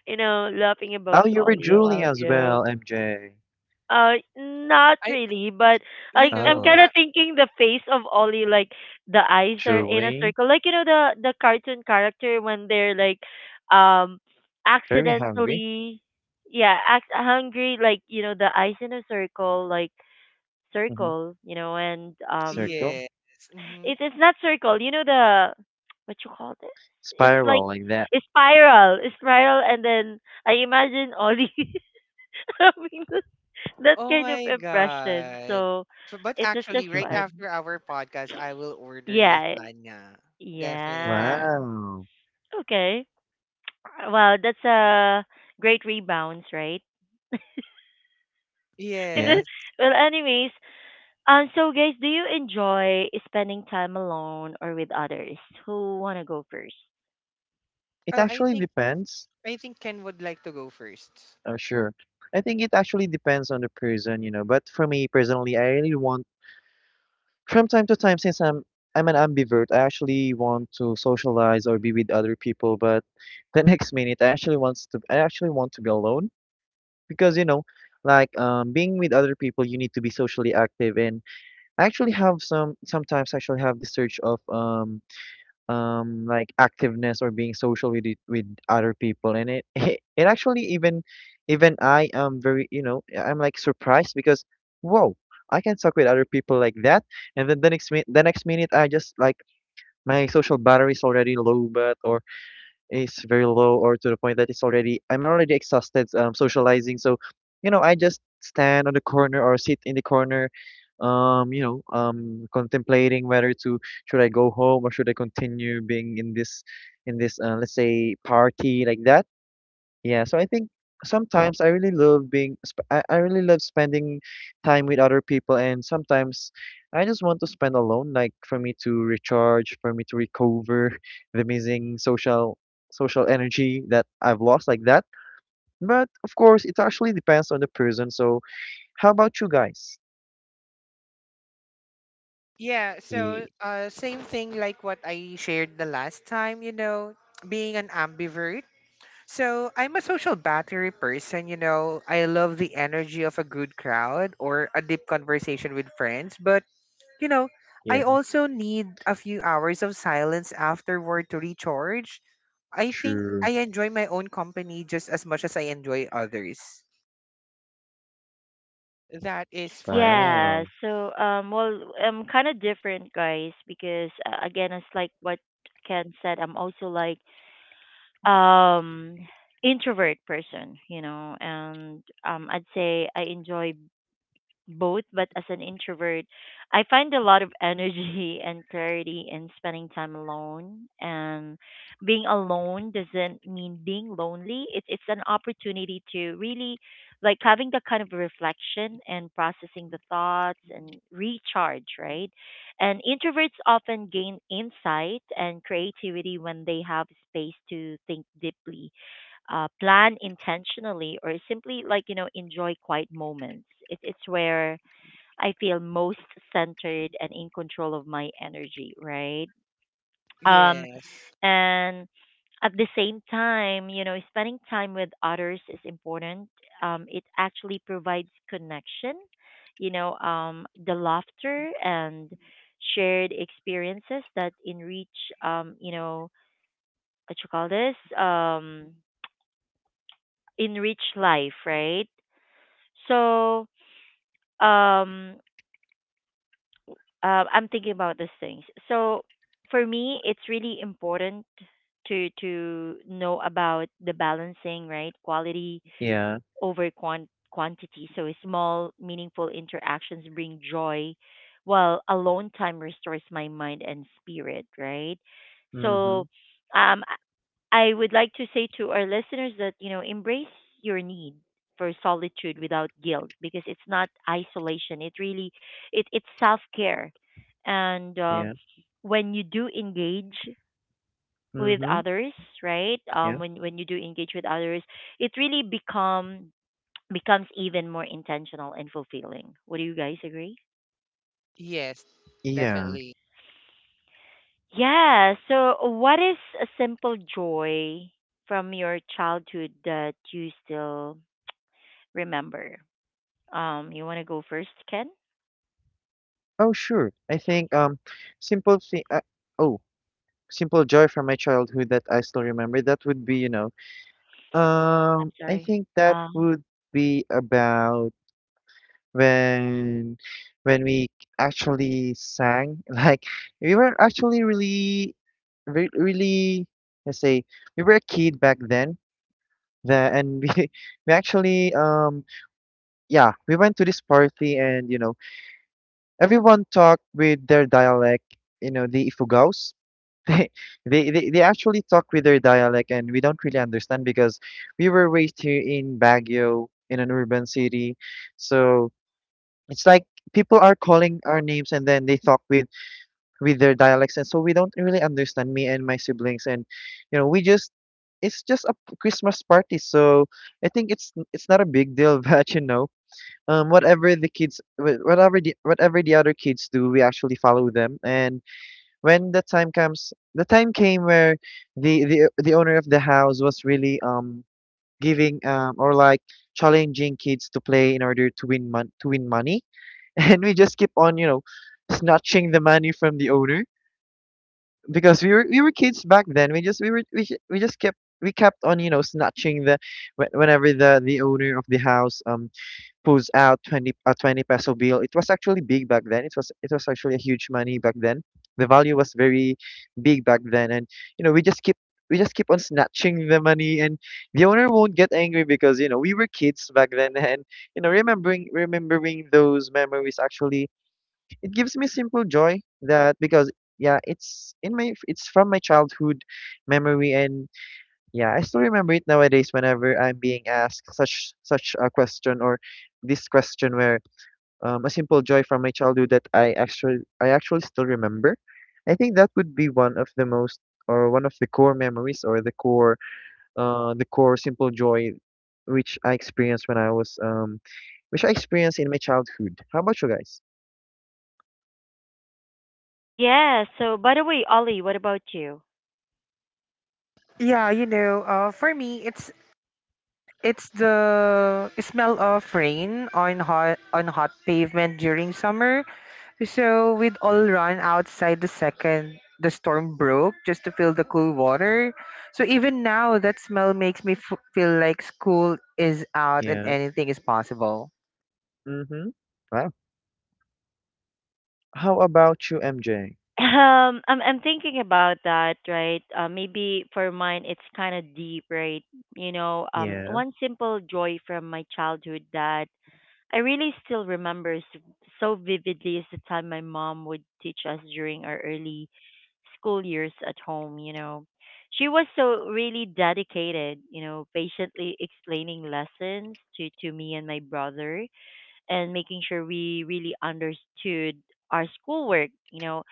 A: you know, laughing about
B: Oh, you were
A: Ollie a while
B: Julie as
A: ago.
B: well, MJ.
A: Not
C: I
A: really, but
C: you
A: I I'm
C: know
A: kind
B: Oh,
A: of thinking the face of Ollie, like the eyes are in a
B: Julie.
A: circle, like, you know, the cartoon character when they're like, um,
B: Very hungry.
A: accidentally, yeah, hungry, like, you know, the eyes in a circle, like
B: Mm-hmm.
A: circle, you know, and
B: Circle.
C: yes. Mm-hmm.
A: it's not circle, you know the, what you call this? It's like
B: Spiral, like that.
A: a spiral, and then I imagine Ollie having the that
C: Oh
A: kind of
C: my
A: impression.
C: God.
A: So
C: So— but
A: it was just
C: actually, right
A: fun.
C: after our podcast, I will order
A: Yeah.
C: lasagna.
A: Yeah.
C: Definitely.
B: Wow.
A: Okay. Wow, that's a great rebounds, right? And then,
B: Yeah.
C: Yes.
A: well, anyways, so guys, do you enjoy spending time alone or with others? Who wanna go first?
B: It
C: Oh, I
B: actually
C: think
B: depends.
C: Ken would like to go first.
B: Oh, sure. I think it actually depends on the person, you know. But for me personally, I really want from time to time, since I'm an ambivert, I actually want to socialize or be with other people, but the next minute I actually want to be alone because, you know, like, being with other people, you need to be socially active. And I actually have some sometimes I actually have this search of, like, activeness or being social with other people. And it, it actually, even I am very, you know, I'm like surprised because, whoa, I can talk with other people, like that. And then the next minute I just like, my social battery is already low, but is very low, or to the point that it's already I'm already exhausted, socializing. So, you know, I just stand on the corner or sit in the corner, you know, contemplating whether, to should I go home or should I continue being in this let's say, party, like that. Yeah, so I think sometimes I really love being, sp- I really love spending time with other people, and sometimes I just want to spend alone, like, for me to recharge, for me to recover the missing social energy that I've lost, like that. But of course, it actually depends on the person. So how about you guys?
C: Yeah, so
B: Ye-
C: same thing like what I shared the last time, you know, being an ambivert. So I'm a social battery person, you know. I love the energy of a good crowd or a deep conversation with friends, but you know,
B: Yeah,
C: I also need a few hours of silence afterward to recharge. I think
B: true.
C: I enjoy my own company just as much as I enjoy others. That is for me.
A: Yeah,
B: Wow.
A: so well, I'm kind of different, guys, because again, it's like what Ken said. I'm also like um introvert person, you know, and I'd say I enjoy both, but as an introvert, I find a lot of energy and clarity in spending time alone. And being alone doesn't mean being lonely. It's an opportunity to really like having that kind of reflection and processing the thoughts and recharge, right? And introverts often gain insight and creativity when they have space to think deeply, plan intentionally, or simply, like, you know, enjoy quiet moments. It, it's where I feel most centered and in control of my energy, right? Um,
C: Yes.
A: and at the same time, you know, spending time with others is important. It actually provides connection, you know, the laughter and shared experiences that enrich, you know, what you call this, enrich life, right? So, um I'm thinking about these things. So for me, it's really important to know about the balancing, right? Quality
B: Yeah.
A: over quantity. So small, meaningful interactions bring joy, while alone time restores my mind and spirit, right?
B: Mm-hmm.
A: So um, I would like to say to our listeners that, you know, embrace your need for solitude without guilt, because it's not isolation. It really, it it's self-care. And
B: Yeah.
A: when you do engage with
B: Mm-hmm.
A: others, right?
B: Yeah.
A: When you do engage with others, it really becomes even more intentional and fulfilling. Would you guys agree?
C: Yes,
B: Yeah.
C: definitely.
A: Yeah, so what is a simple joy from your childhood that you still remember? You want to go first, Ken?
B: Oh, sure. I think, simple thing. Oh. simple joy from my childhood that I still remember, that would be, you know,
A: I'm
B: I
A: sorry.
B: think that
A: Um,
B: would be about, when we actually sang. Like, we were actually really, let's say, we were a kid back then. That and we we actually, yeah, we went to this party. And you know, everyone talked with their dialect, you know, the Ifugaos. They, they actually talk with their dialect, and we don't really understand because we were raised here in Baguio, in an urban city. So it's like people are calling our names, and then they talk with their dialects. And so we don't really understand, me and my siblings. And you know, we just it's just a Christmas party, so I think it's not a big deal. But you know, whatever the other kids do, we actually follow them. And when the time came where the owner of the house was really, giving, or like, challenging kids to play in order to win money, and we just keep on, you know, snatching the money from the owner because we were kids back then. We were we, ju- we just kept we kept on, you know, snatching the, whenever the owner of the house, pulls out 20, a 20 peso bill. It was actually big back then. It was actually a huge money back then. The value was very big back then, and you know we just keep we just keep on snatching the money, and the owner won't get angry because we were kids back then. and you know Remembering those memories actually, it gives me simple joy that because Yeah, it's in my it's from my childhood memory. And yeah, I still remember it nowadays whenever I'm being asked such a question, or this question where a simple joy from my childhood that I actually still remember. I think that would be one of the most, or one of the core memories, or the core simple joy which I experienced when I was which I experienced in my childhood. How about you guys?
A: yeah. So, by the way, Ollie, what about you?
C: Yeah, you know, for me, it's the smell of rain on hot pavement during summer. So we'd all run outside the second the storm broke just to feel the cool water. So even now, that smell makes me feel like school is out and
B: Yeah.
C: anything is possible.
B: Mm-hmm. Wow. How about you, MJ?
A: I'm thinking about that, right? Maybe for mine, it's kind of deep, right? You know,
B: Yeah,
A: one simple joy from my childhood that I really still remember so vividly is the time my mom would teach us during our early school years at home, you know. She was so really dedicated, you know, patiently explaining lessons to me and my brother, and making sure we really understood our schoolwork. You know,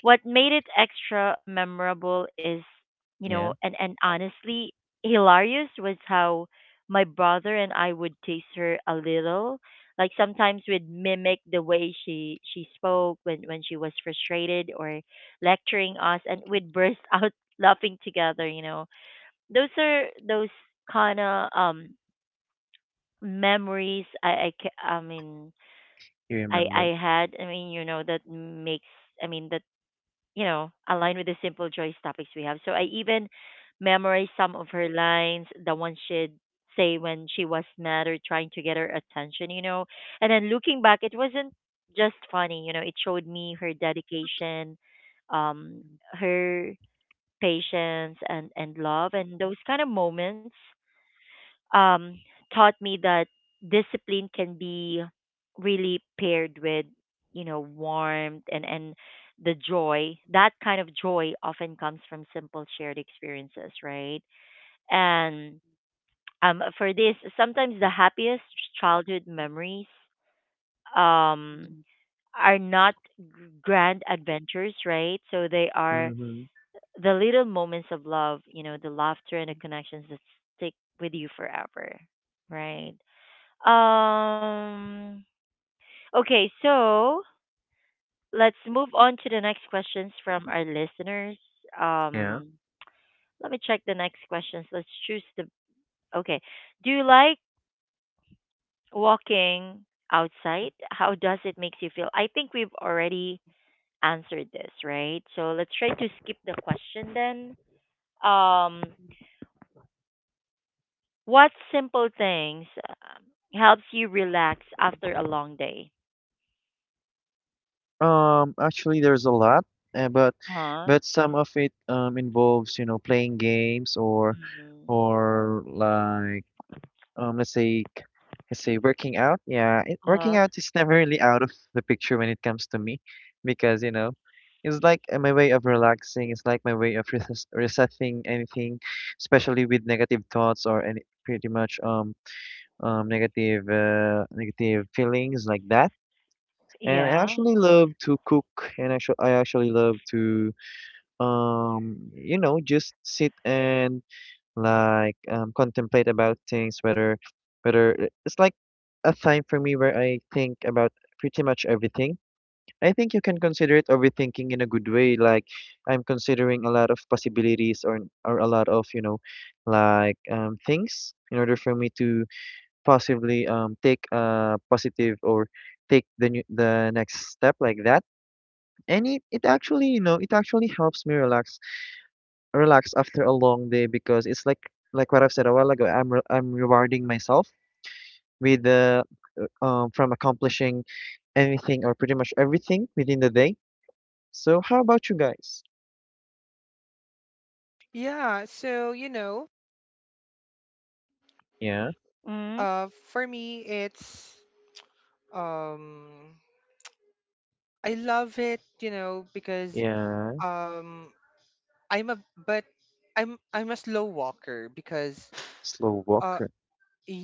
A: what made it extra memorable is, you know,
B: yeah,
A: and, and honestly, hilarious was how my brother and I would tease her a little. Like sometimes we'd mimic the way she spoke when she was frustrated or lecturing us, and we'd burst out laughing together. You know, those are those kind of memories I ca- I mean
B: you
A: I
B: remember.
A: had. I mean, you know, that makes. I mean, that you know, aligned with the simple joys topics we have. So I even memorized some of her lines, the ones she'd say when she was mad or trying to get her attention. And then looking back, it wasn't just funny. You know, it showed me her dedication, um, her patience and love, and those kind of moments um, taught me that discipline can be really paired with you know warmth and the joy that kind of joy often comes from simple shared experiences, right? and For this, sometimes the happiest childhood memories um, are not g- grand adventures, right? So they are
B: Mm-hmm.
A: the little moments of love, you know, the laughter and the connections that stick with you forever, right? um. Okay, so let's move on to the next questions from our listeners.
B: Yeah.
A: Um. Let me check the next questions. Let's choose the. Okay. Do you like walking outside? How does it makes you feel? I think we've already answered this, right? So let's try to skip the question then. Um. What simple things helps you relax after a long day?
B: Actually, there's a lot, uh, but
A: Huh?
B: but some of it involves, playing games,
A: Mm.
B: or like let's say let's say working out. Yeah, it, working
A: Huh?
B: out is never really out of the picture when it comes to me because, it's like my way of relaxing. It's like my way of resetting anything, especially with negative thoughts or any pretty much negative negative feelings like that. And I
A: Yeah.
B: actually love to cook, and I actually love to just sit and like contemplate about things, whether it's like a time for me where I think about pretty much everything. I think you can consider it overthinking in a good way. Like I'm considering a lot of possibilities, or a lot of like things in order for me to possibly take a positive, or take the next step like that. And it actually, it actually helps me relax after a long day because it's like what I've said a while ago, I'm rewarding myself with the from accomplishing anything or pretty much everything within the day. So how about you guys?
C: Yeah, so you know,
B: Yeah.
A: Mm.
C: for me it's um I love it, you know, because
B: Yeah.
C: um I'm a but I'm a slow walker because
B: Slow
C: uh
B: walker.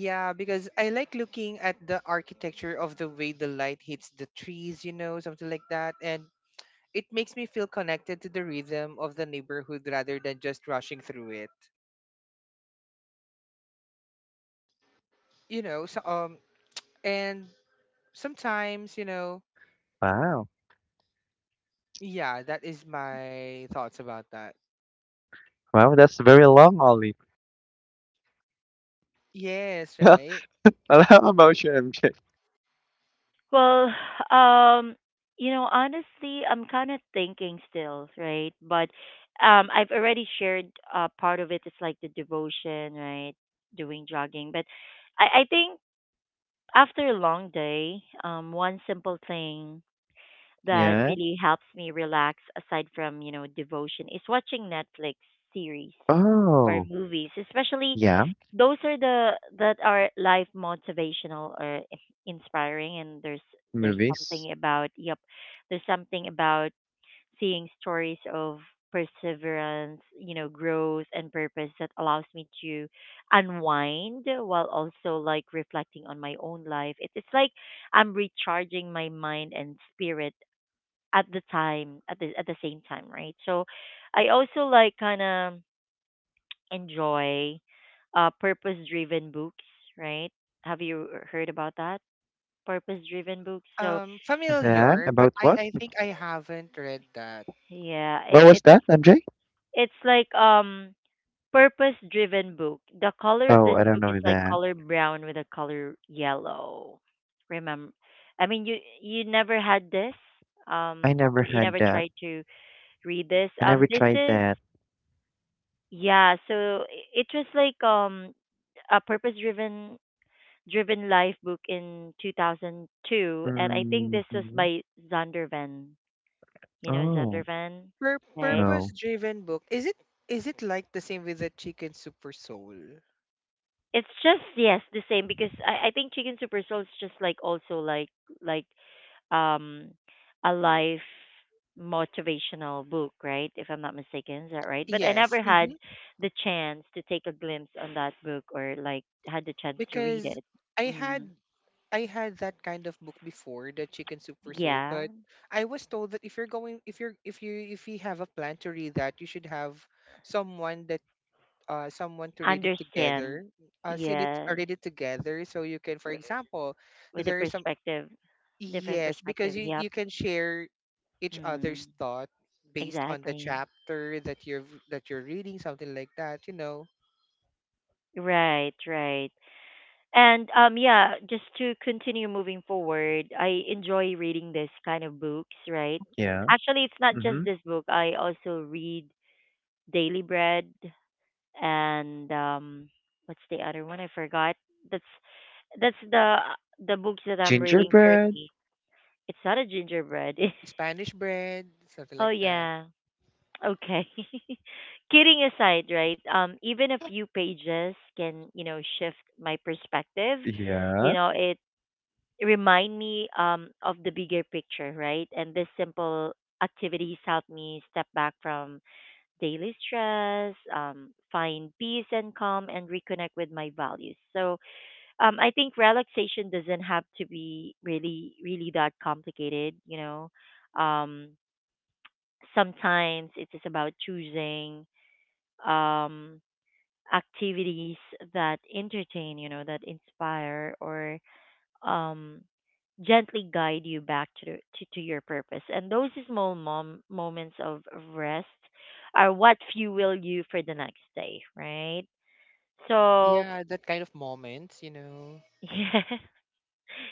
C: yeah, because I like looking at the architecture of the way the light hits the trees, you know, something like that. And it makes me feel connected to the rhythm of the neighborhood rather than just rushing through it. You know, so and sometimes, you know,
B: Wow.
C: yeah, that is my thoughts about that.
B: Wow, that's very long, Ollie.
C: Yes,
B: How
C: right.
B: about you, MJ?
A: Well, um, you know, honestly, I'm kind of thinking still, right? But I've already shared part of it. It's like the devotion, right? Doing jogging, but I think after a long day, one simple thing that
B: Yeah.
A: really helps me relax, aside from you know devotion, is watching Netflix series or
B: Oh,
A: movies, especially
B: yeah.
A: those are the that are life motivational or inspiring, and there's
B: Movies?
A: something about yep there's something about seeing stories of perseverance, you know, growth and purpose that allows me to unwind while also like reflecting on my own life. It's like I'm recharging my mind and spirit at the time at the same time, right? So I also like kind of enjoy purpose driven books, right? Have you heard about that? Purpose driven books. So
C: Um,
B: That?
C: familiar, but
B: About
C: I
B: what?
C: I think I haven't read that.
A: yeah,
B: What was
A: it
B: that, MJ?
A: it's like purpose driven book. The color of
B: Oh,
A: this
B: I don't
A: book is
B: know
A: like
B: that.
A: color brown with a color yellow. Remember, I mean you never had this.
B: I never
A: You
B: had
A: never
B: that.
A: tried to read this.
B: I never
A: This
B: tried
A: is
B: that.
A: yeah. So it was like a purpose driven Driven Life book in 2002, and I think this was
B: Hmm.
A: by Zondervan. You know
B: Oh,
A: Zondervan,
C: Pur-
A: right?
B: no.
C: purpose driven book. Is it like the same with the chicken super soul?
A: It's just yes, the same because I think Chicken Super Soul is just like also like um a life motivational book, right? If I'm not mistaken, is that right? But I
C: Yes.
A: never
C: Mm-hmm.
A: had the chance to take a glimpse on that book or like had the chance to read
C: Because
A: it.
C: I had
A: Mm.
C: I had that kind of book before, the Chicken Soup for Soul,
A: Yeah,
C: but I was told that if you're going if you're if you have a plan to read that, you should have someone that someone to read it
A: understand.
C: together. Send it
A: Yeah.
C: Read it together so you can, for example,
A: With the
C: there is some—
A: perspective, different
C: yes, because
A: perspective.
C: you
A: Yep.
C: you can share each other's
A: Mm,
C: thought based on the
A: exactly.
C: chapter that you're reading, something like that, you know.
A: Right, right. And yeah, just to continue moving forward, I enjoy reading this kind of books, right?
B: Yeah.
A: Actually, it's not
B: Mm-hmm.
A: just this book. I also read Daily Bread and what's the other one? I forgot. That's that's the the books that I'm reading
B: Gingerbread?
A: currently. It's not a gingerbread.
C: Spanish bread, something
A: Oh
C: like that.
A: yeah. Okay. Kidding aside, right? Even a few pages can, you know, shift my perspective. You
B: Yeah.
A: know, it remind me of the bigger picture, right? And this simple activities help me step back from daily stress, find peace and calm and reconnect with my values. So I think relaxation doesn't have to be really, really that complicated, you know. Um Sometimes it's just about choosing um, activities that entertain, you know, that inspire or um, gently guide you back to, to to your purpose. And those small moments of rest are what fuel you for the next day, right? So
C: Yeah, that kind of moments, you know.
A: yeah,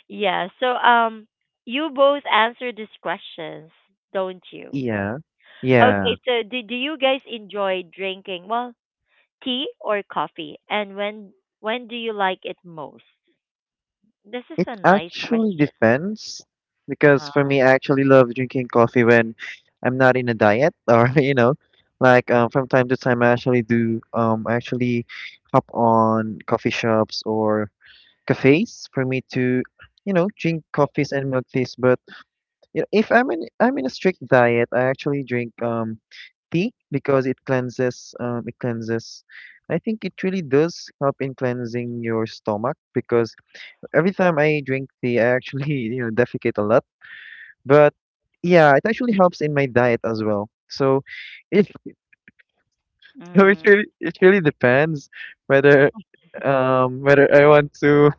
A: yeah. So you both answer these questions, don't you?
B: Yeah. Yeah.
A: Okay, so do you guys enjoy drinking? Well, tea or coffee? And when do you like it most? This is
B: It
A: a nice
B: actually
A: question.
B: depends because for
A: Uh-huh.
B: me, I actually love drinking coffee when I'm not in a diet or, like from time to time, I actually hop on coffee shops or cafes for me to drink coffees and milkteas. But if I'm in a strict diet, I actually drink tea because it cleanses, I think it really does help in cleansing your stomach because every time I drink tea, I actually you know defecate a lot. But yeah, it actually helps in my diet as well. So it so
A: Mm.
B: it really depends whether whether I want to,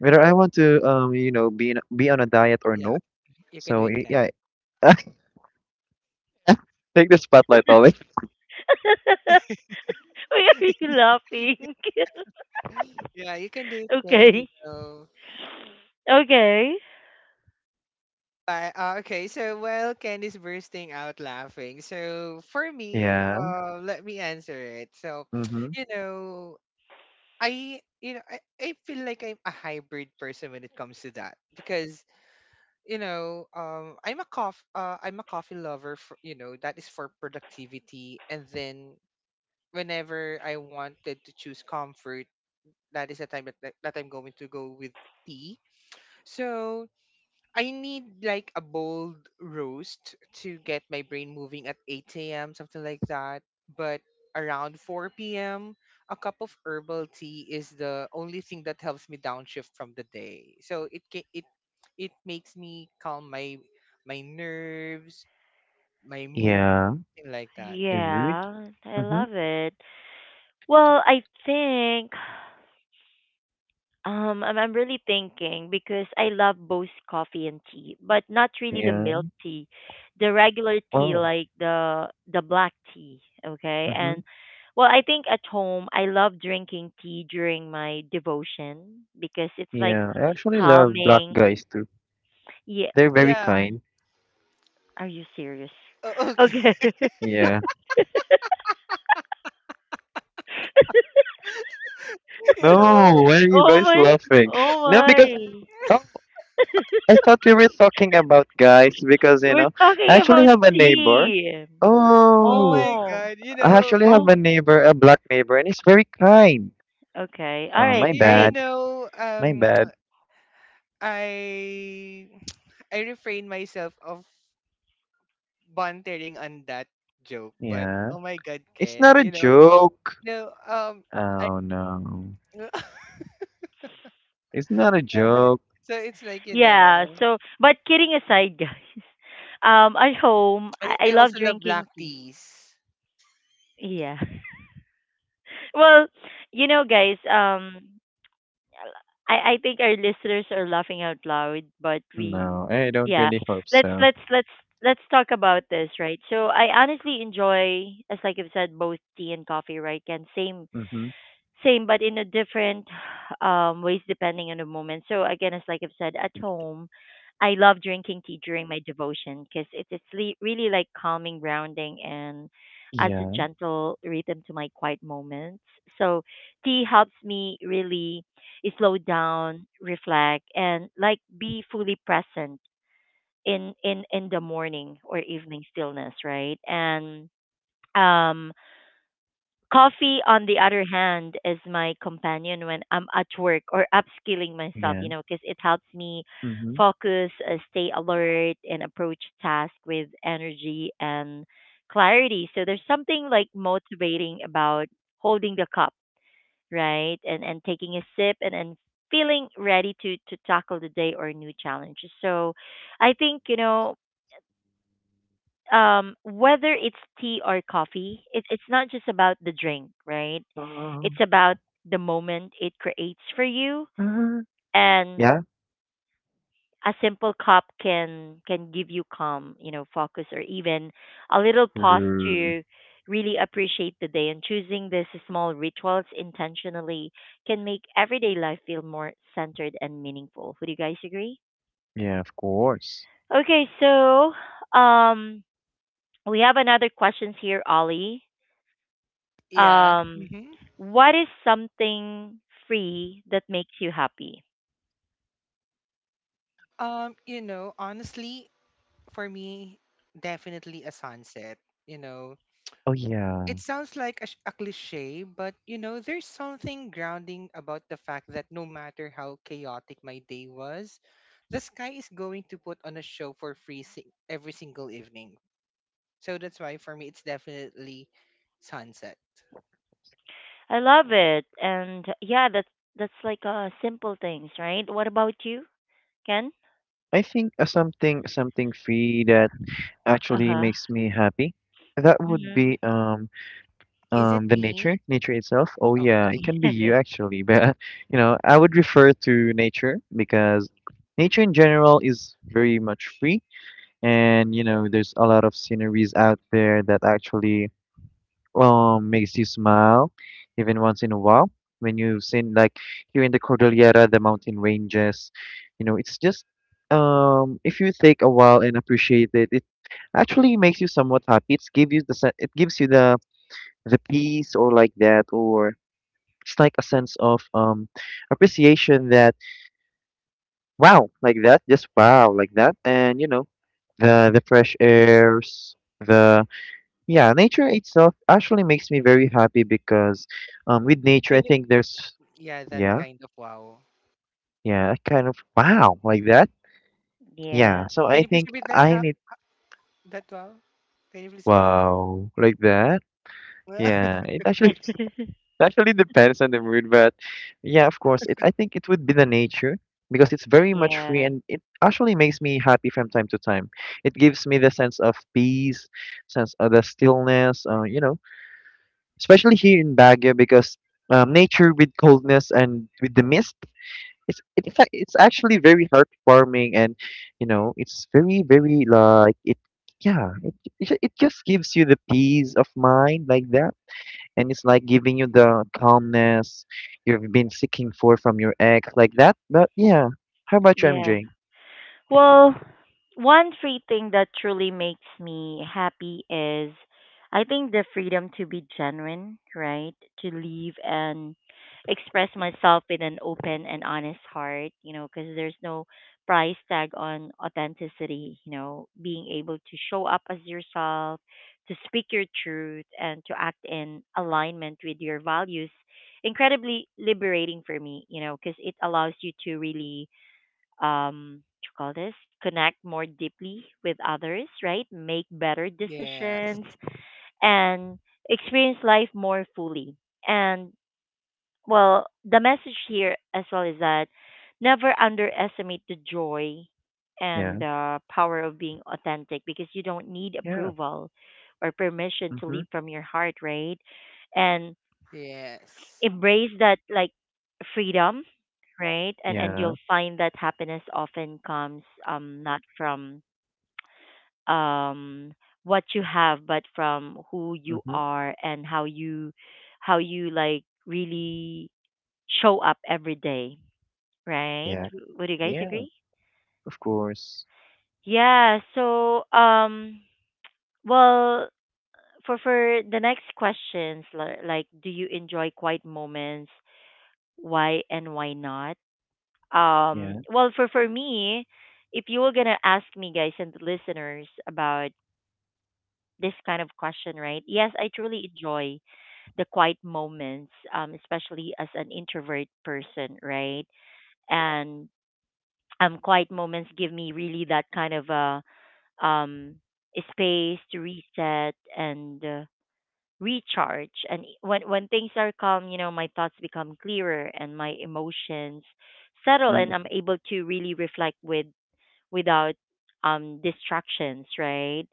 B: You know, be on a diet or
C: Yeah,
B: no.
C: you can do
B: So
C: it, Ken.
B: yeah, take the spotlight always.
A: Why are you laughing?
C: Yeah, you can do it, Ken. You
A: Okay.
C: know.
A: Okay.
C: But, okay, so while Ken is bursting out laughing, so for me,
B: Yeah.
C: let me answer it. So,
B: Mm-hmm.
C: you know, I feel like I'm a hybrid person when it comes to that because you know I'm a coffee lover for, you know, that is for productivity, and then whenever I wanted to choose comfort, that is the time that, I'm going to go with tea. So I need like a bold roast to get my brain moving at 8 a.m., something like that. But around 4 p.m., a cup of herbal tea is the only thing that helps me downshift from the day. So it ca- it makes me calm my my nerves, my mood,
B: Yeah.
C: thing like that.
B: Your mood.
A: Yeah, I
B: Mm-hmm.
A: love it. Well, I think I'm really thinking because I love both coffee and tea, but not really the
B: Yeah.
A: milk tea, the regular tea
B: Oh.
A: like the black tea. Okay,
B: Mm-hmm.
A: and well, I think at home I love drinking tea during my devotion because it's like
B: Yeah. I actually love black
A: calming.
B: guys too.
A: Yeah.
B: They're very
C: Yeah.
A: Um,
B: kind.
A: are you serious?
C: O- okay.
A: Okay.
B: Yeah.
C: You know.
B: No, why are you
A: Oh
B: guys
A: my.
B: laughing?
A: Oh
B: No, because
A: my.
B: oh, I thought we were talking about guys because you
A: We're
B: know I
A: talking
B: actually
A: about
B: have a neighbor.
A: tea.
C: Oh
B: Oh.
C: my
A: Oh.
C: God. You
B: I
C: know.
B: actually
C: I,
B: have
A: Oh.
B: a neighbor, a black neighbor, and he's very kind.
A: Okay. All
B: Oh,
C: you,
A: right.
B: my
C: you
A: Great.
B: bad.
C: know.
B: My bad.
C: I I refrain myself of bantering on that joke, but
B: Yeah.
C: oh my god,
B: It's
C: Ken,
B: not a
C: you know,
B: joke.
C: no, I
B: Oh, no. It's not a
C: okay.
B: joke.
C: So it's like you
A: Yeah,
C: know,
A: so but kidding aside, guys, at home I
C: I
A: love
C: also love
A: drinking
C: black
A: tea.
C: teas.
A: Yeah. Well, you know, guys, I think our listeners are laughing out loud, but we,
B: No, I don't
A: yeah,
B: really hope
A: let's
B: so.
A: let's let's let's talk about this, right? So I honestly enjoy, as like I've said, both tea and coffee, right? And same
B: Mm-hmm.
A: same, but in a different ways depending on the moment. So again, as like I've said, at home, I love drinking tea during my devotion because it's really like calming, grounding, and adds a
B: Yeah.
A: gentle rhythm to my quiet moments. So tea helps me really slow down, reflect, and like be fully present in in the morning or evening stillness, right? And um coffee, on the other hand, is my companion when I'm at work or upskilling myself,
B: Yeah.
A: you know, because it helps me
B: Mm-hmm.
A: focus, stay alert, and approach tasks with energy and clarity. So there's something like motivating about holding the cup, right? And taking a sip and feeling ready to tackle the day or new challenges. So I think, you know, whether it's tea or coffee, it, it's not just about the drink, right?
B: Um,
A: It's about the moment it creates for you,
B: uh,
A: and
B: yeah.
A: a simple cup can give you calm, you know, focus or even a little pause
B: Mm,
A: to really appreciate the day, and choosing these small rituals intentionally can make everyday life feel more centered and meaningful. Would you guys agree?
B: yeah, of course.
A: Okay, so um we have another questions here, Ollie.
C: Yeah.
A: Um,
C: Hmm.
A: what is something free that makes you happy?
C: You know, honestly, for me, definitely a sunset. You know,
B: Oh, yeah.
C: it sounds like a, a cliche, but you know, there's something grounding about the fact that no matter how chaotic my day was, the sky is going to put on a show for free every single evening. So that's why for me, it's definitely sunset.
A: I love it. And yeah, that's like simple things, right? What about you, Ken?
B: I think something free that actually
A: Uh-huh.
B: makes me happy. That would be
A: Hmm.
C: Is it
B: The nature,
C: me?
B: nature itself. Oh
C: Oh, the
B: yeah, it can be
C: nature.
B: you actually, but you know, I would refer to nature because nature in general is very much free, and you know, there's a lot of sceneries out there that actually makes you smile, even once in a while. When you've seen like here in the Cordillera, the mountain ranges, you know, it's just if you take a while and appreciate it, it actually makes you somewhat happy. It's give you the sen- it gives you the peace or like that, or it's like a sense of appreciation that wow like that, just wow like that. And you know, the fresh airs, the yeah, nature itself actually makes me very happy because with nature
C: Can
B: I
C: you?
B: think there's.
C: Yeah, that
B: Yeah,
C: kind of wow.
B: yeah, kind of wow like that. Yeah,
A: Yeah.
B: so
C: Can
B: I
C: you please
B: think
C: repeat that?
B: I
C: How
B: need
C: that wow? Can you please repeat that?
B: wow like that. Yeah, it actually Actually depends on the mood, but yeah, of course, it I think it would be the nature because it's very much free,
A: Yeah.
B: and it actually makes me happy from time to time. It gives me the sense of peace, sense of the stillness, you know, especially here in Baguio because nature with coldness and with the mist, it's actually very heartwarming. And you know, it's very very like it yeah, it just gives you the peace of mind like that, and it's like giving you the calmness you've been seeking for from your ex, like that. But yeah, how about you,
A: Yeah.
B: MJ?
A: Well, one free thing that truly makes me happy is I think the freedom to be genuine, right? To leave and express myself with an open and honest heart, you know, because there's no price tag on authenticity, you know, being able to show up as yourself, to speak your truth, and to act in alignment with your values. Incredibly liberating for me, you know, because it allows you to really what you call this connect more deeply with others, right, make better
C: Yes,
A: decisions and experience life more fully. And well, the message here as well is that never underestimate the joy and
B: Yeah,
A: the power of being authentic, because you don't need
B: yeah,
A: approval or permission to
B: mm-hmm,
A: leave from your heart, right? And
C: yes,
A: embrace that like freedom, right? And
B: yeah,
A: you'll find that happiness often comes not from um what you have but from who you
B: mm-hmm,
A: are and how you like really show up every day, right?
B: yeah,
A: W- would you guys
B: yeah,
A: agree?
B: of course,
A: Yeah, so well, for the next questions, like, do you enjoy quiet moments? Why and why not? Um,
B: yeah,
A: well, for me, if you were gonna ask me guys and the listeners about this kind of question, right? Yes, I truly enjoy the quiet moments, especially as an introvert person, right? And quiet moments give me really that kind of a um space to reset and recharge. And e, when things are calm, you know, my thoughts become clearer, and my emotions settle,
B: mm,
A: and I'm able to really reflect with without distractions, right?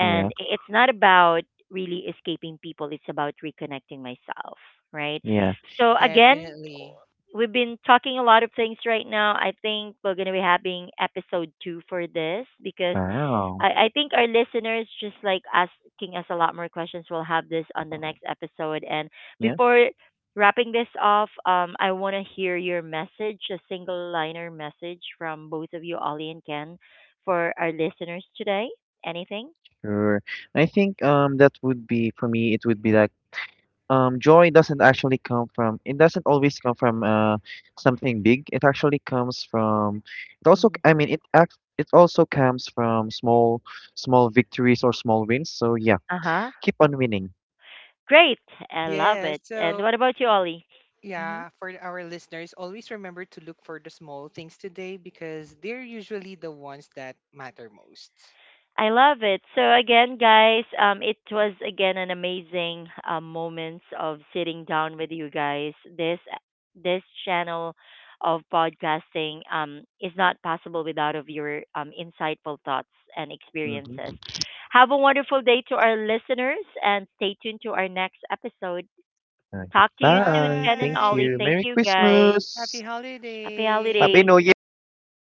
B: yeah,
A: it's not about really escaping people, it's about reconnecting myself, right?
B: yeah.
A: So again,
C: definitely.
A: we've been talking a lot of things right now. I think we're going to be having episode two for this because
B: Wow,
A: I think our listeners just like asking us a lot more questions. We'll have this on the next episode. And
B: yeah,
A: before wrapping this off, I want to hear your message, a single liner message from both of you, Ollie and Ken, for our listeners today. Anything?
B: sure. I think that would be for me. It would be like joy doesn't actually come from it doesn't always come from something big. It actually comes from it also
A: Mm.
B: I mean it act, it also comes from small victories or small wins. So yeah,
A: Uh huh.
B: keep on winning.
A: Great. I love
C: Yes.
A: it. And
C: So
A: what about you, Ollie? Mm-hmm.
C: yeah, for our listeners, always remember to look for the small things today because they're usually the ones that matter most.
A: I love it. So again, guys, it was again an amazing moments of sitting down with you guys. This channel of podcasting is not possible without of your insightful thoughts and
B: Hmm.
A: experiences. Have a wonderful day to our listeners, and stay tuned to our next episode. Talk to you soon,
B: Goodbye,
A: Ken and
B: thank
A: Ollie.
B: you,
C: Bye.
A: Thank
B: Merry
A: you, guys.
C: Happy
B: Christmas,
A: Happy
C: holidays.
B: Happy
A: holidays.
B: New Year.